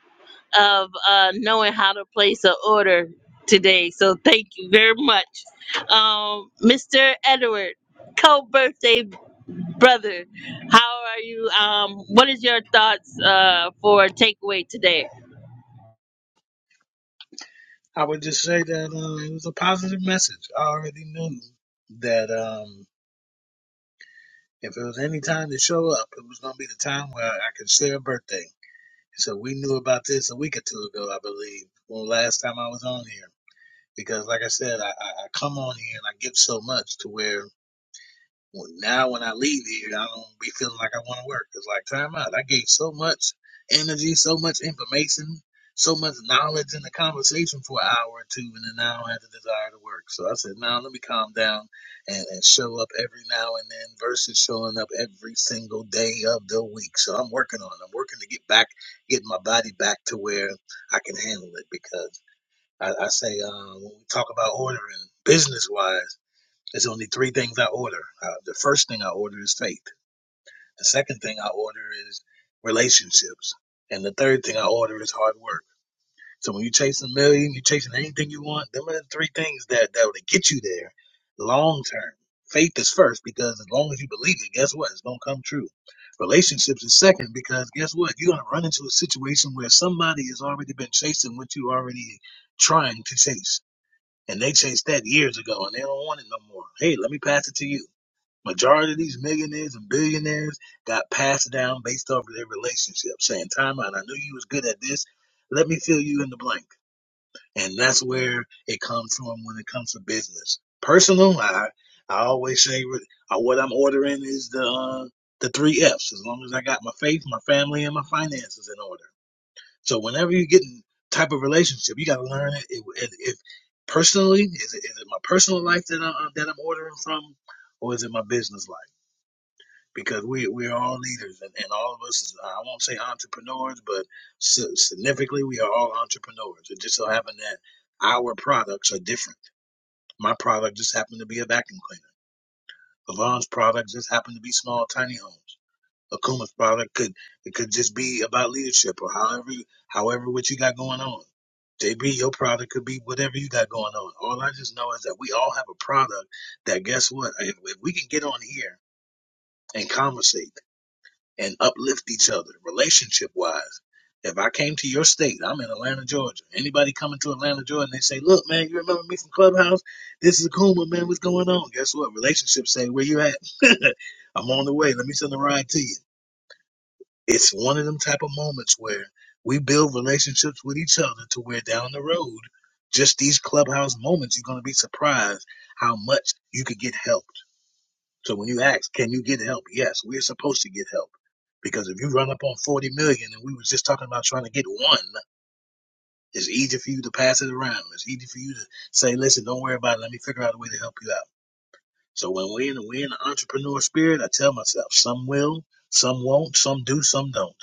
Speaker 2: of uh, knowing how to place an order today. So thank you very much, um, Mr. Edward, co-birthday brother. How are you? Um, what is your thoughts uh, for takeaway today?
Speaker 7: I would just say that uh, it was a positive message. I already knew that um, if it was any time to show up, it was gonna be the time where I could share a birthday. So we knew about this a week or two ago, I believe, when last time I was on here because like I said, I, I, I come on here and I give so much to where well, now when I leave here, I don't be feeling like I want to work. It's like time out. I gave so much energy, so much information, so much knowledge in the conversation for an hour or two, and then now I don't have the desire to work. So I said, now let me calm down and, and show up every now and then versus showing up every single day of the week. So I'm working on it. I'm working to get back, get my body back to where I can handle it because. I, I say uh, when we talk about ordering business wise, there's only three things I order. Uh, the first thing I order is faith. The second thing I order is relationships, and the third thing I order is hard work. So when you're chasing a million, you're chasing anything you want. Them are the three things that that would get you there long term. Faith is first because as long as you believe it, guess what? It's gonna come true. Relationships is second because guess what? You're gonna run into a situation where somebody has already been chasing what you already trying to chase. And they changed that years ago and they don't want it no more. Hey, let me pass it to you. Majority of these millionaires and billionaires got passed down based off of their relationship, saying, Time out, I knew you was good at this. Let me fill you in the blank. And that's where it comes from when it comes to business. Personal, I I always say what uh, what I'm ordering is the uh, the three F's. As long as I got my faith, my family, and my finances in order. So whenever you get in type of relationship, you got to learn it. If, if, personally, is it, is it my personal life that I'm that I'm ordering from, or is it my business life? Because we we are all leaders, and, and all of us is I won't say entrepreneurs, but si- significantly we are all entrepreneurs. It just so happened that our products are different. My product just happened to be a vacuum cleaner. Levon's product just happened to be small tiny homes. Akuma's product could it could just be about leadership or however however what you got going on. JB, your product could be whatever you got going on. All I just know is that we all have a product that guess what? If, if we can get on here and conversate and uplift each other relationship wise. If I came to your state, I'm in Atlanta, Georgia. Anybody coming to Atlanta, Georgia, and they say, "Look, man, you remember me from Clubhouse? This is Akuma, man. What's going on?" Guess what? Relationships say, "Where you at? (laughs) I'm on the way. Let me send a ride to you." It's one of them type of moments where we build relationships with each other to where down the road, just these clubhouse moments, you're going to be surprised how much you could get helped. So when you ask, can you get help? Yes, we're supposed to get help. Because if you run up on 40 million and we was just talking about trying to get one, it's easy for you to pass it around. It's easy for you to say, listen, don't worry about it. Let me figure out a way to help you out. So when we're in, we're in the entrepreneur spirit, I tell myself, some will, some won't, some do, some don't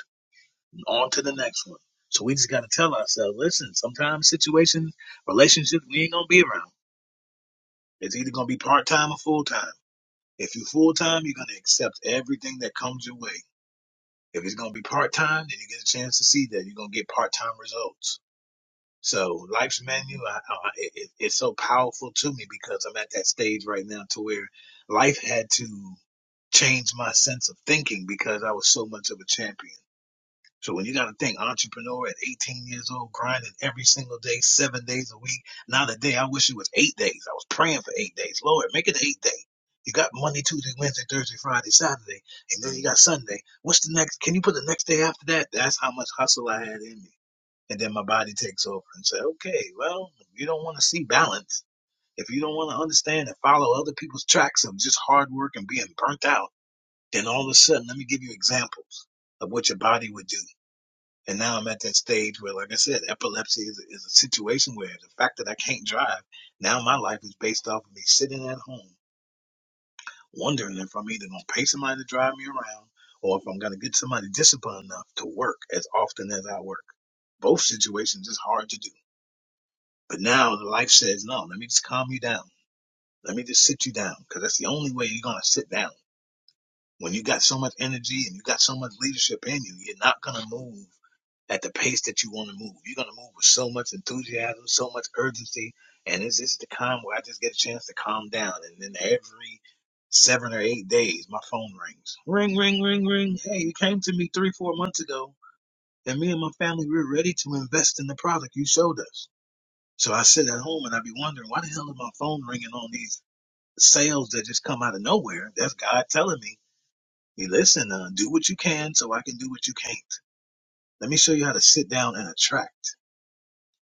Speaker 7: on to the next one. So we just got to tell ourselves, listen, sometimes situations, relationships, we ain't going to be around. It's either going to be part time or full time. If you're full time, you're going to accept everything that comes your way. If it's going to be part time, then you get a chance to see that. You're going to get part time results. So life's menu, I, I, it, it's so powerful to me because I'm at that stage right now to where life had to change my sense of thinking because I was so much of a champion. So when you got to think entrepreneur at 18 years old, grinding every single day, seven days a week. Not a day. I wish it was eight days. I was praying for eight days. Lord, make it eight day. You got Monday, Tuesday, Wednesday, Thursday, Friday, Saturday, and then you got Sunday. What's the next? Can you put the next day after that? That's how much hustle I had in me. And then my body takes over and say, okay, well, you don't want to see balance. If you don't want to understand and follow other people's tracks of just hard work and being burnt out, then all of a sudden, let me give you examples of what your body would do and now I'm at that stage where, like I said, epilepsy is, is a situation where the fact that I can't drive, now my life is based off of me sitting at home wondering if I'm either going to pay somebody to drive me around or if I'm going to get somebody disciplined enough to work as often as I work. Both situations is hard to do. But now the life says, no, let me just calm you down. Let me just sit you down because that's the only way you're going to sit down. When you got so much energy and you got so much leadership in you, you're not going to move at the pace that you want to move. You're going to move with so much enthusiasm, so much urgency. And it's just the time where I just get a chance to calm down. And then every seven or eight days, my phone rings. Ring, ring, ring, ring. Hey, you came to me three, four months ago, and me and my family, we were ready to invest in the product you showed us. So I sit at home and I be wondering, why the hell is my phone ringing on these sales that just come out of nowhere? That's God telling me, hey, listen, uh, do what you can so I can do what you can't. Let me show you how to sit down and attract.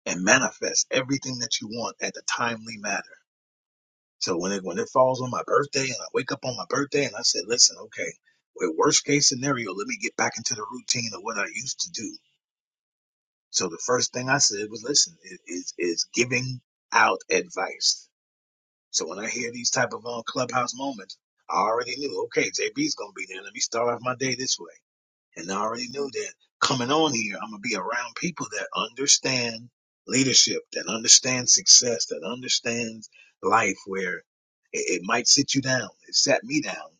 Speaker 7: and manifest everything that you want at the timely matter. So when it when it falls on my birthday and I wake up on my birthday and I said, listen, okay, well, worst case scenario, let me get back into the routine of what I used to do. So the first thing I said was, listen, it is is giving out advice. So when I hear these type of um, clubhouse moments, I already knew, okay, JB's gonna be there. Let me start off my day this way. And I already knew that coming on here, I'm gonna be around people that understand leadership, that understand success, that understands life where it, it might sit you down. It sat me down.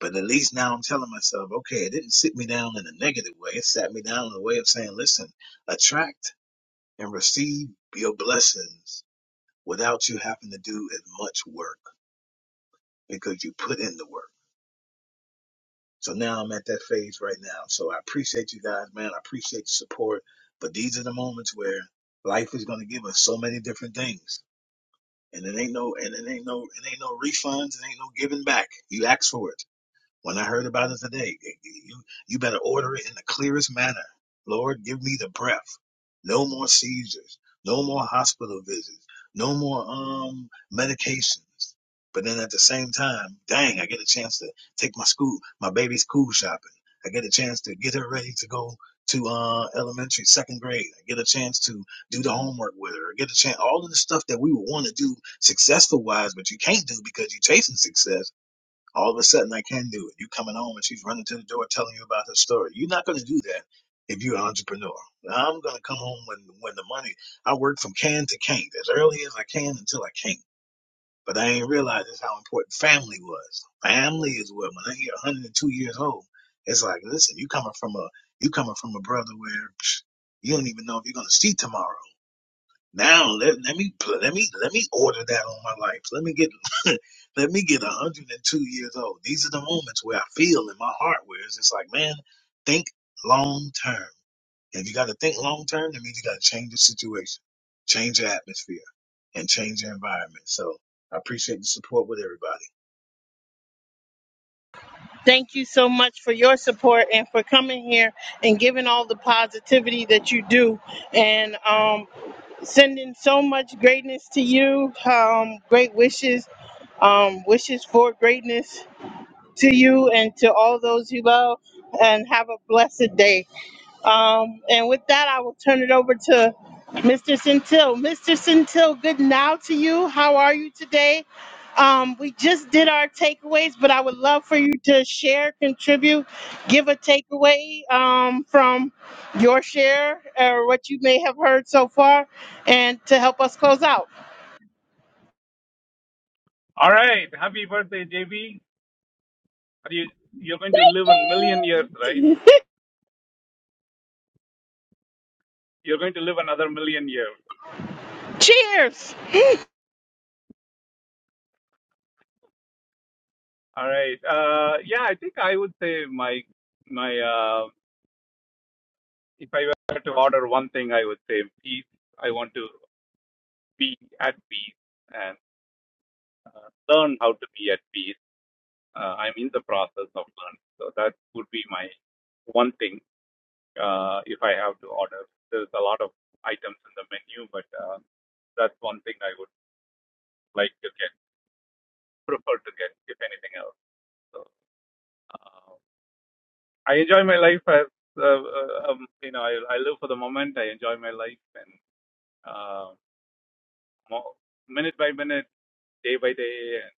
Speaker 7: But at least now I'm telling myself, okay, it didn't sit me down in a negative way. It sat me down in a way of saying, listen, attract and receive your blessings without you having to do as much work because you put in the work. So now I'm at that phase right now. So I appreciate you guys, man. I appreciate the support. But these are the moments where life is gonna give us so many different things. And it ain't no and it ain't no it ain't no refunds, it ain't no giving back. You ask for it. When I heard about it today, you, you better order it in the clearest manner. Lord, give me the breath. No more seizures. No more hospital visits. No more um medications. But then at the same time, dang, I get a chance to take my school, my baby's school shopping. I get a chance to get her ready to go to uh, elementary, second grade. I get a chance to do the homework with her. I get a chance, all of the stuff that we would want to do successful wise, but you can't do because you're chasing success all of a sudden I can do it. You coming home and she's running to the door telling you about her story. You're not going to do that if you're an entrepreneur. I'm going to come home when when the money. I work from can to can't as early as I can until I can't. But I ain't realized just how important family was. Family is what when I hear 102 years old, it's like listen, you coming from a you coming from a brother where psh, you don't even know if you're going to see tomorrow. Now let, let me pl- let me let me order that on my life. Let me get (laughs) let me get 102 years old. These are the moments where I feel in my heart where it's just like, man, think long term. If you got to think long term, that means you got to change the situation, change your atmosphere, and change your environment. So I appreciate the support with everybody.
Speaker 2: Thank you so much for your support and for coming here and giving all the positivity that you do. And um, sending so much greatness to you. Um, great wishes, um, wishes for greatness to you and to all those you love. And have a blessed day. Um, and with that, I will turn it over to Mr. Centil. Mr. Centil, good now to you. How are you today? Um, we just did our takeaways, but I would love for you to share, contribute, give a takeaway um, from your share or what you may have heard so far, and to help us close out.
Speaker 10: All right. Happy birthday, JB. Are you you're going to live a million years, right? You're going to live another million years.
Speaker 2: Cheers!
Speaker 10: All right. Uh, yeah, I think I would say my my uh, if I were to order one thing, I would say peace. I want to be at peace and uh, learn how to be at peace. Uh, I'm in the process of learning, so that would be my one thing uh, if I have to order. There's a lot of items in the menu, but uh, that's one thing I would like to get. prefer to get, if anything else. So um, I enjoy my life as uh, uh, um, you know, I, I live for the moment. I enjoy my life and uh, mo- minute by minute, day by day, and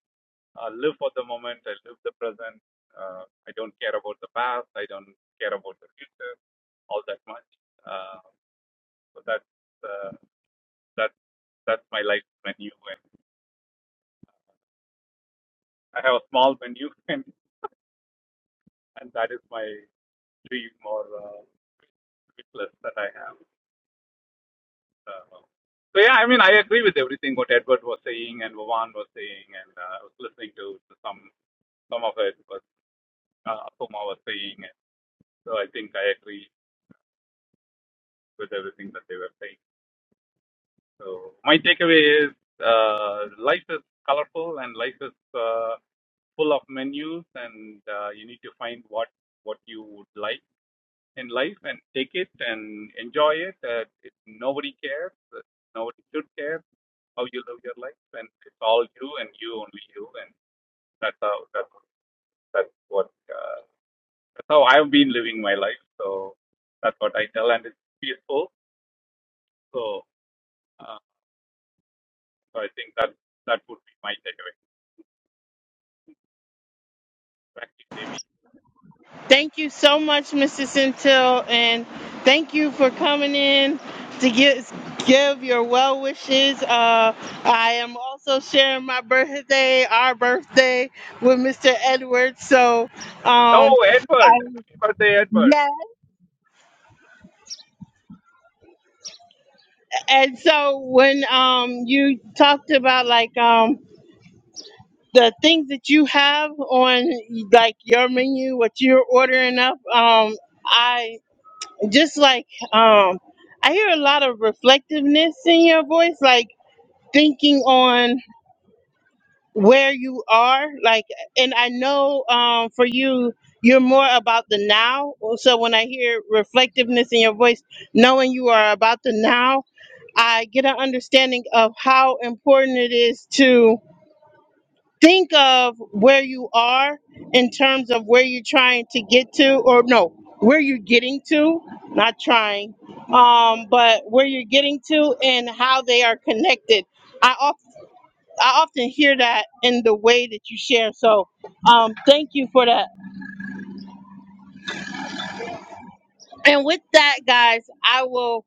Speaker 10: I live for the moment. I live the present. Uh, I don't care about the past. I don't care about the future all that much. Uh, so that's uh, that's that's my life menu, and I have a small menu, (laughs) and and that is my dream or uh, wish list that I have. Uh, well, So yeah, I mean, I agree with everything what Edward was saying and Vavan was saying, and uh, I was listening to some some of it what uh, Apoma was saying. And so I think I agree with everything that they were saying. So my takeaway is uh, life is colorful and life is uh, full of menus, and uh, you need to find what what you would like in life and take it and enjoy it. Uh, it nobody cares. uh, Nobody should care how you live your life, and it's all you and you only you, and that's how that's that's what uh, that's how I've been living my life. So that's what I tell, and it's peaceful. So uh, so I think that that would be my takeaway. Back to Devi.
Speaker 2: Thank you so much, Mrs. Centil, and thank you for coming in to give give your well wishes. Uh, I am also sharing my birthday, our birthday, with Mr. Edwards. So,
Speaker 10: Oh,
Speaker 2: um, I,
Speaker 10: Edward! Happy birthday, Edward!
Speaker 2: yeah, and so when um you talked about like um the things that you have on like your menu, what you're ordering up, um, I just like um i hear a lot of reflectiveness in your voice like thinking on where you are like and i know um for you you're more about the now so when i hear reflectiveness in your voice knowing you are about the now i get an understanding of how important it is to think of where you are in terms of where you're trying to get to or no where you're getting to not trying um, but where you're getting to and how they are connected i often I often hear that in the way that you share. So, um, thank you for that. And with that, guys, I will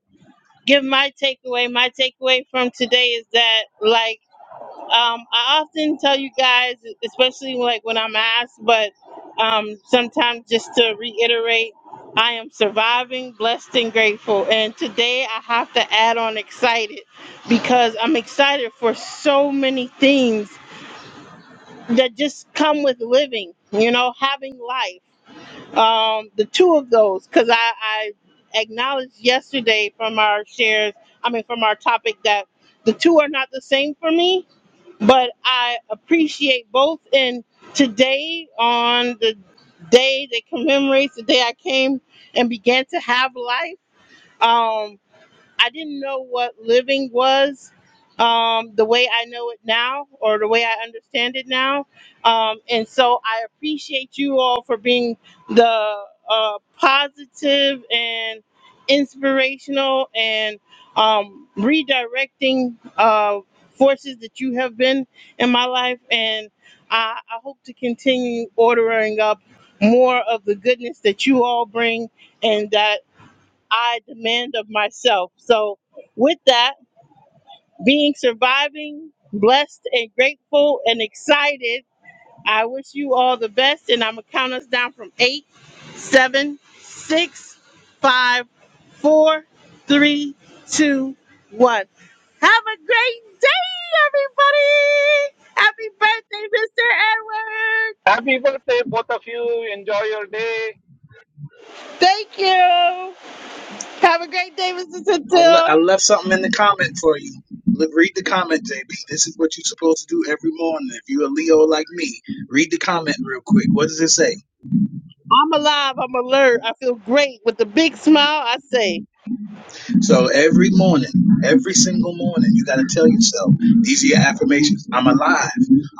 Speaker 2: give my takeaway. My takeaway from today is that, like, Um, I often tell you guys, especially like when I'm asked, but um, sometimes just to reiterate, I am surviving, blessed, and grateful. And today I have to add on excited because I'm excited for so many things that just come with living, you know, having life. Um, the two of those, because I, I acknowledged yesterday from our shares, I mean, from our topic that the two are not the same for me but I appreciate both in today on the day that commemorates the day I came and began to have life. Um, I didn't know what living was um, the way I know it now or the way I understand it now. Um, and so I appreciate you all for being the uh, positive and inspirational and um, redirecting uh, forces that you have been in my life. And I, I hope to continue ordering up more of the goodness that you all bring. And that I demand of myself. So, with that, being surviving, blessed, and grateful and excited, I wish you all the best. And I'm going to count us down from eight, seven, six, five, four, three, two, one. Have a great day, everybody! Happy birthday, Mr. Edward! Thank you! Have a great day, Mr.
Speaker 7: I, le-
Speaker 2: Centil!
Speaker 7: I left something in the comment for you. Look, read the comment, JB. This is what you're supposed to do every morning. If you're a Leo like me, read the comment real quick. What does it say?
Speaker 2: I'm alive. I'm alert. I feel great with a big smile. I say,
Speaker 7: So every morning, every single morning, you got to tell yourself, these are your affirmations. I'm alive.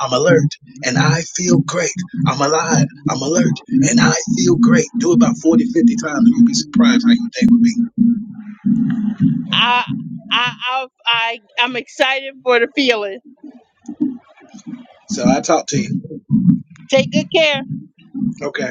Speaker 7: I'm alert. And I feel great. I'm alive. I'm alert. And I feel great. Do it about 40, 50 times and you'll be surprised how your day will be.
Speaker 2: I, I, I, I I'm excited for the feeling.
Speaker 7: So I talk to you.
Speaker 2: Take good care.
Speaker 7: Okay.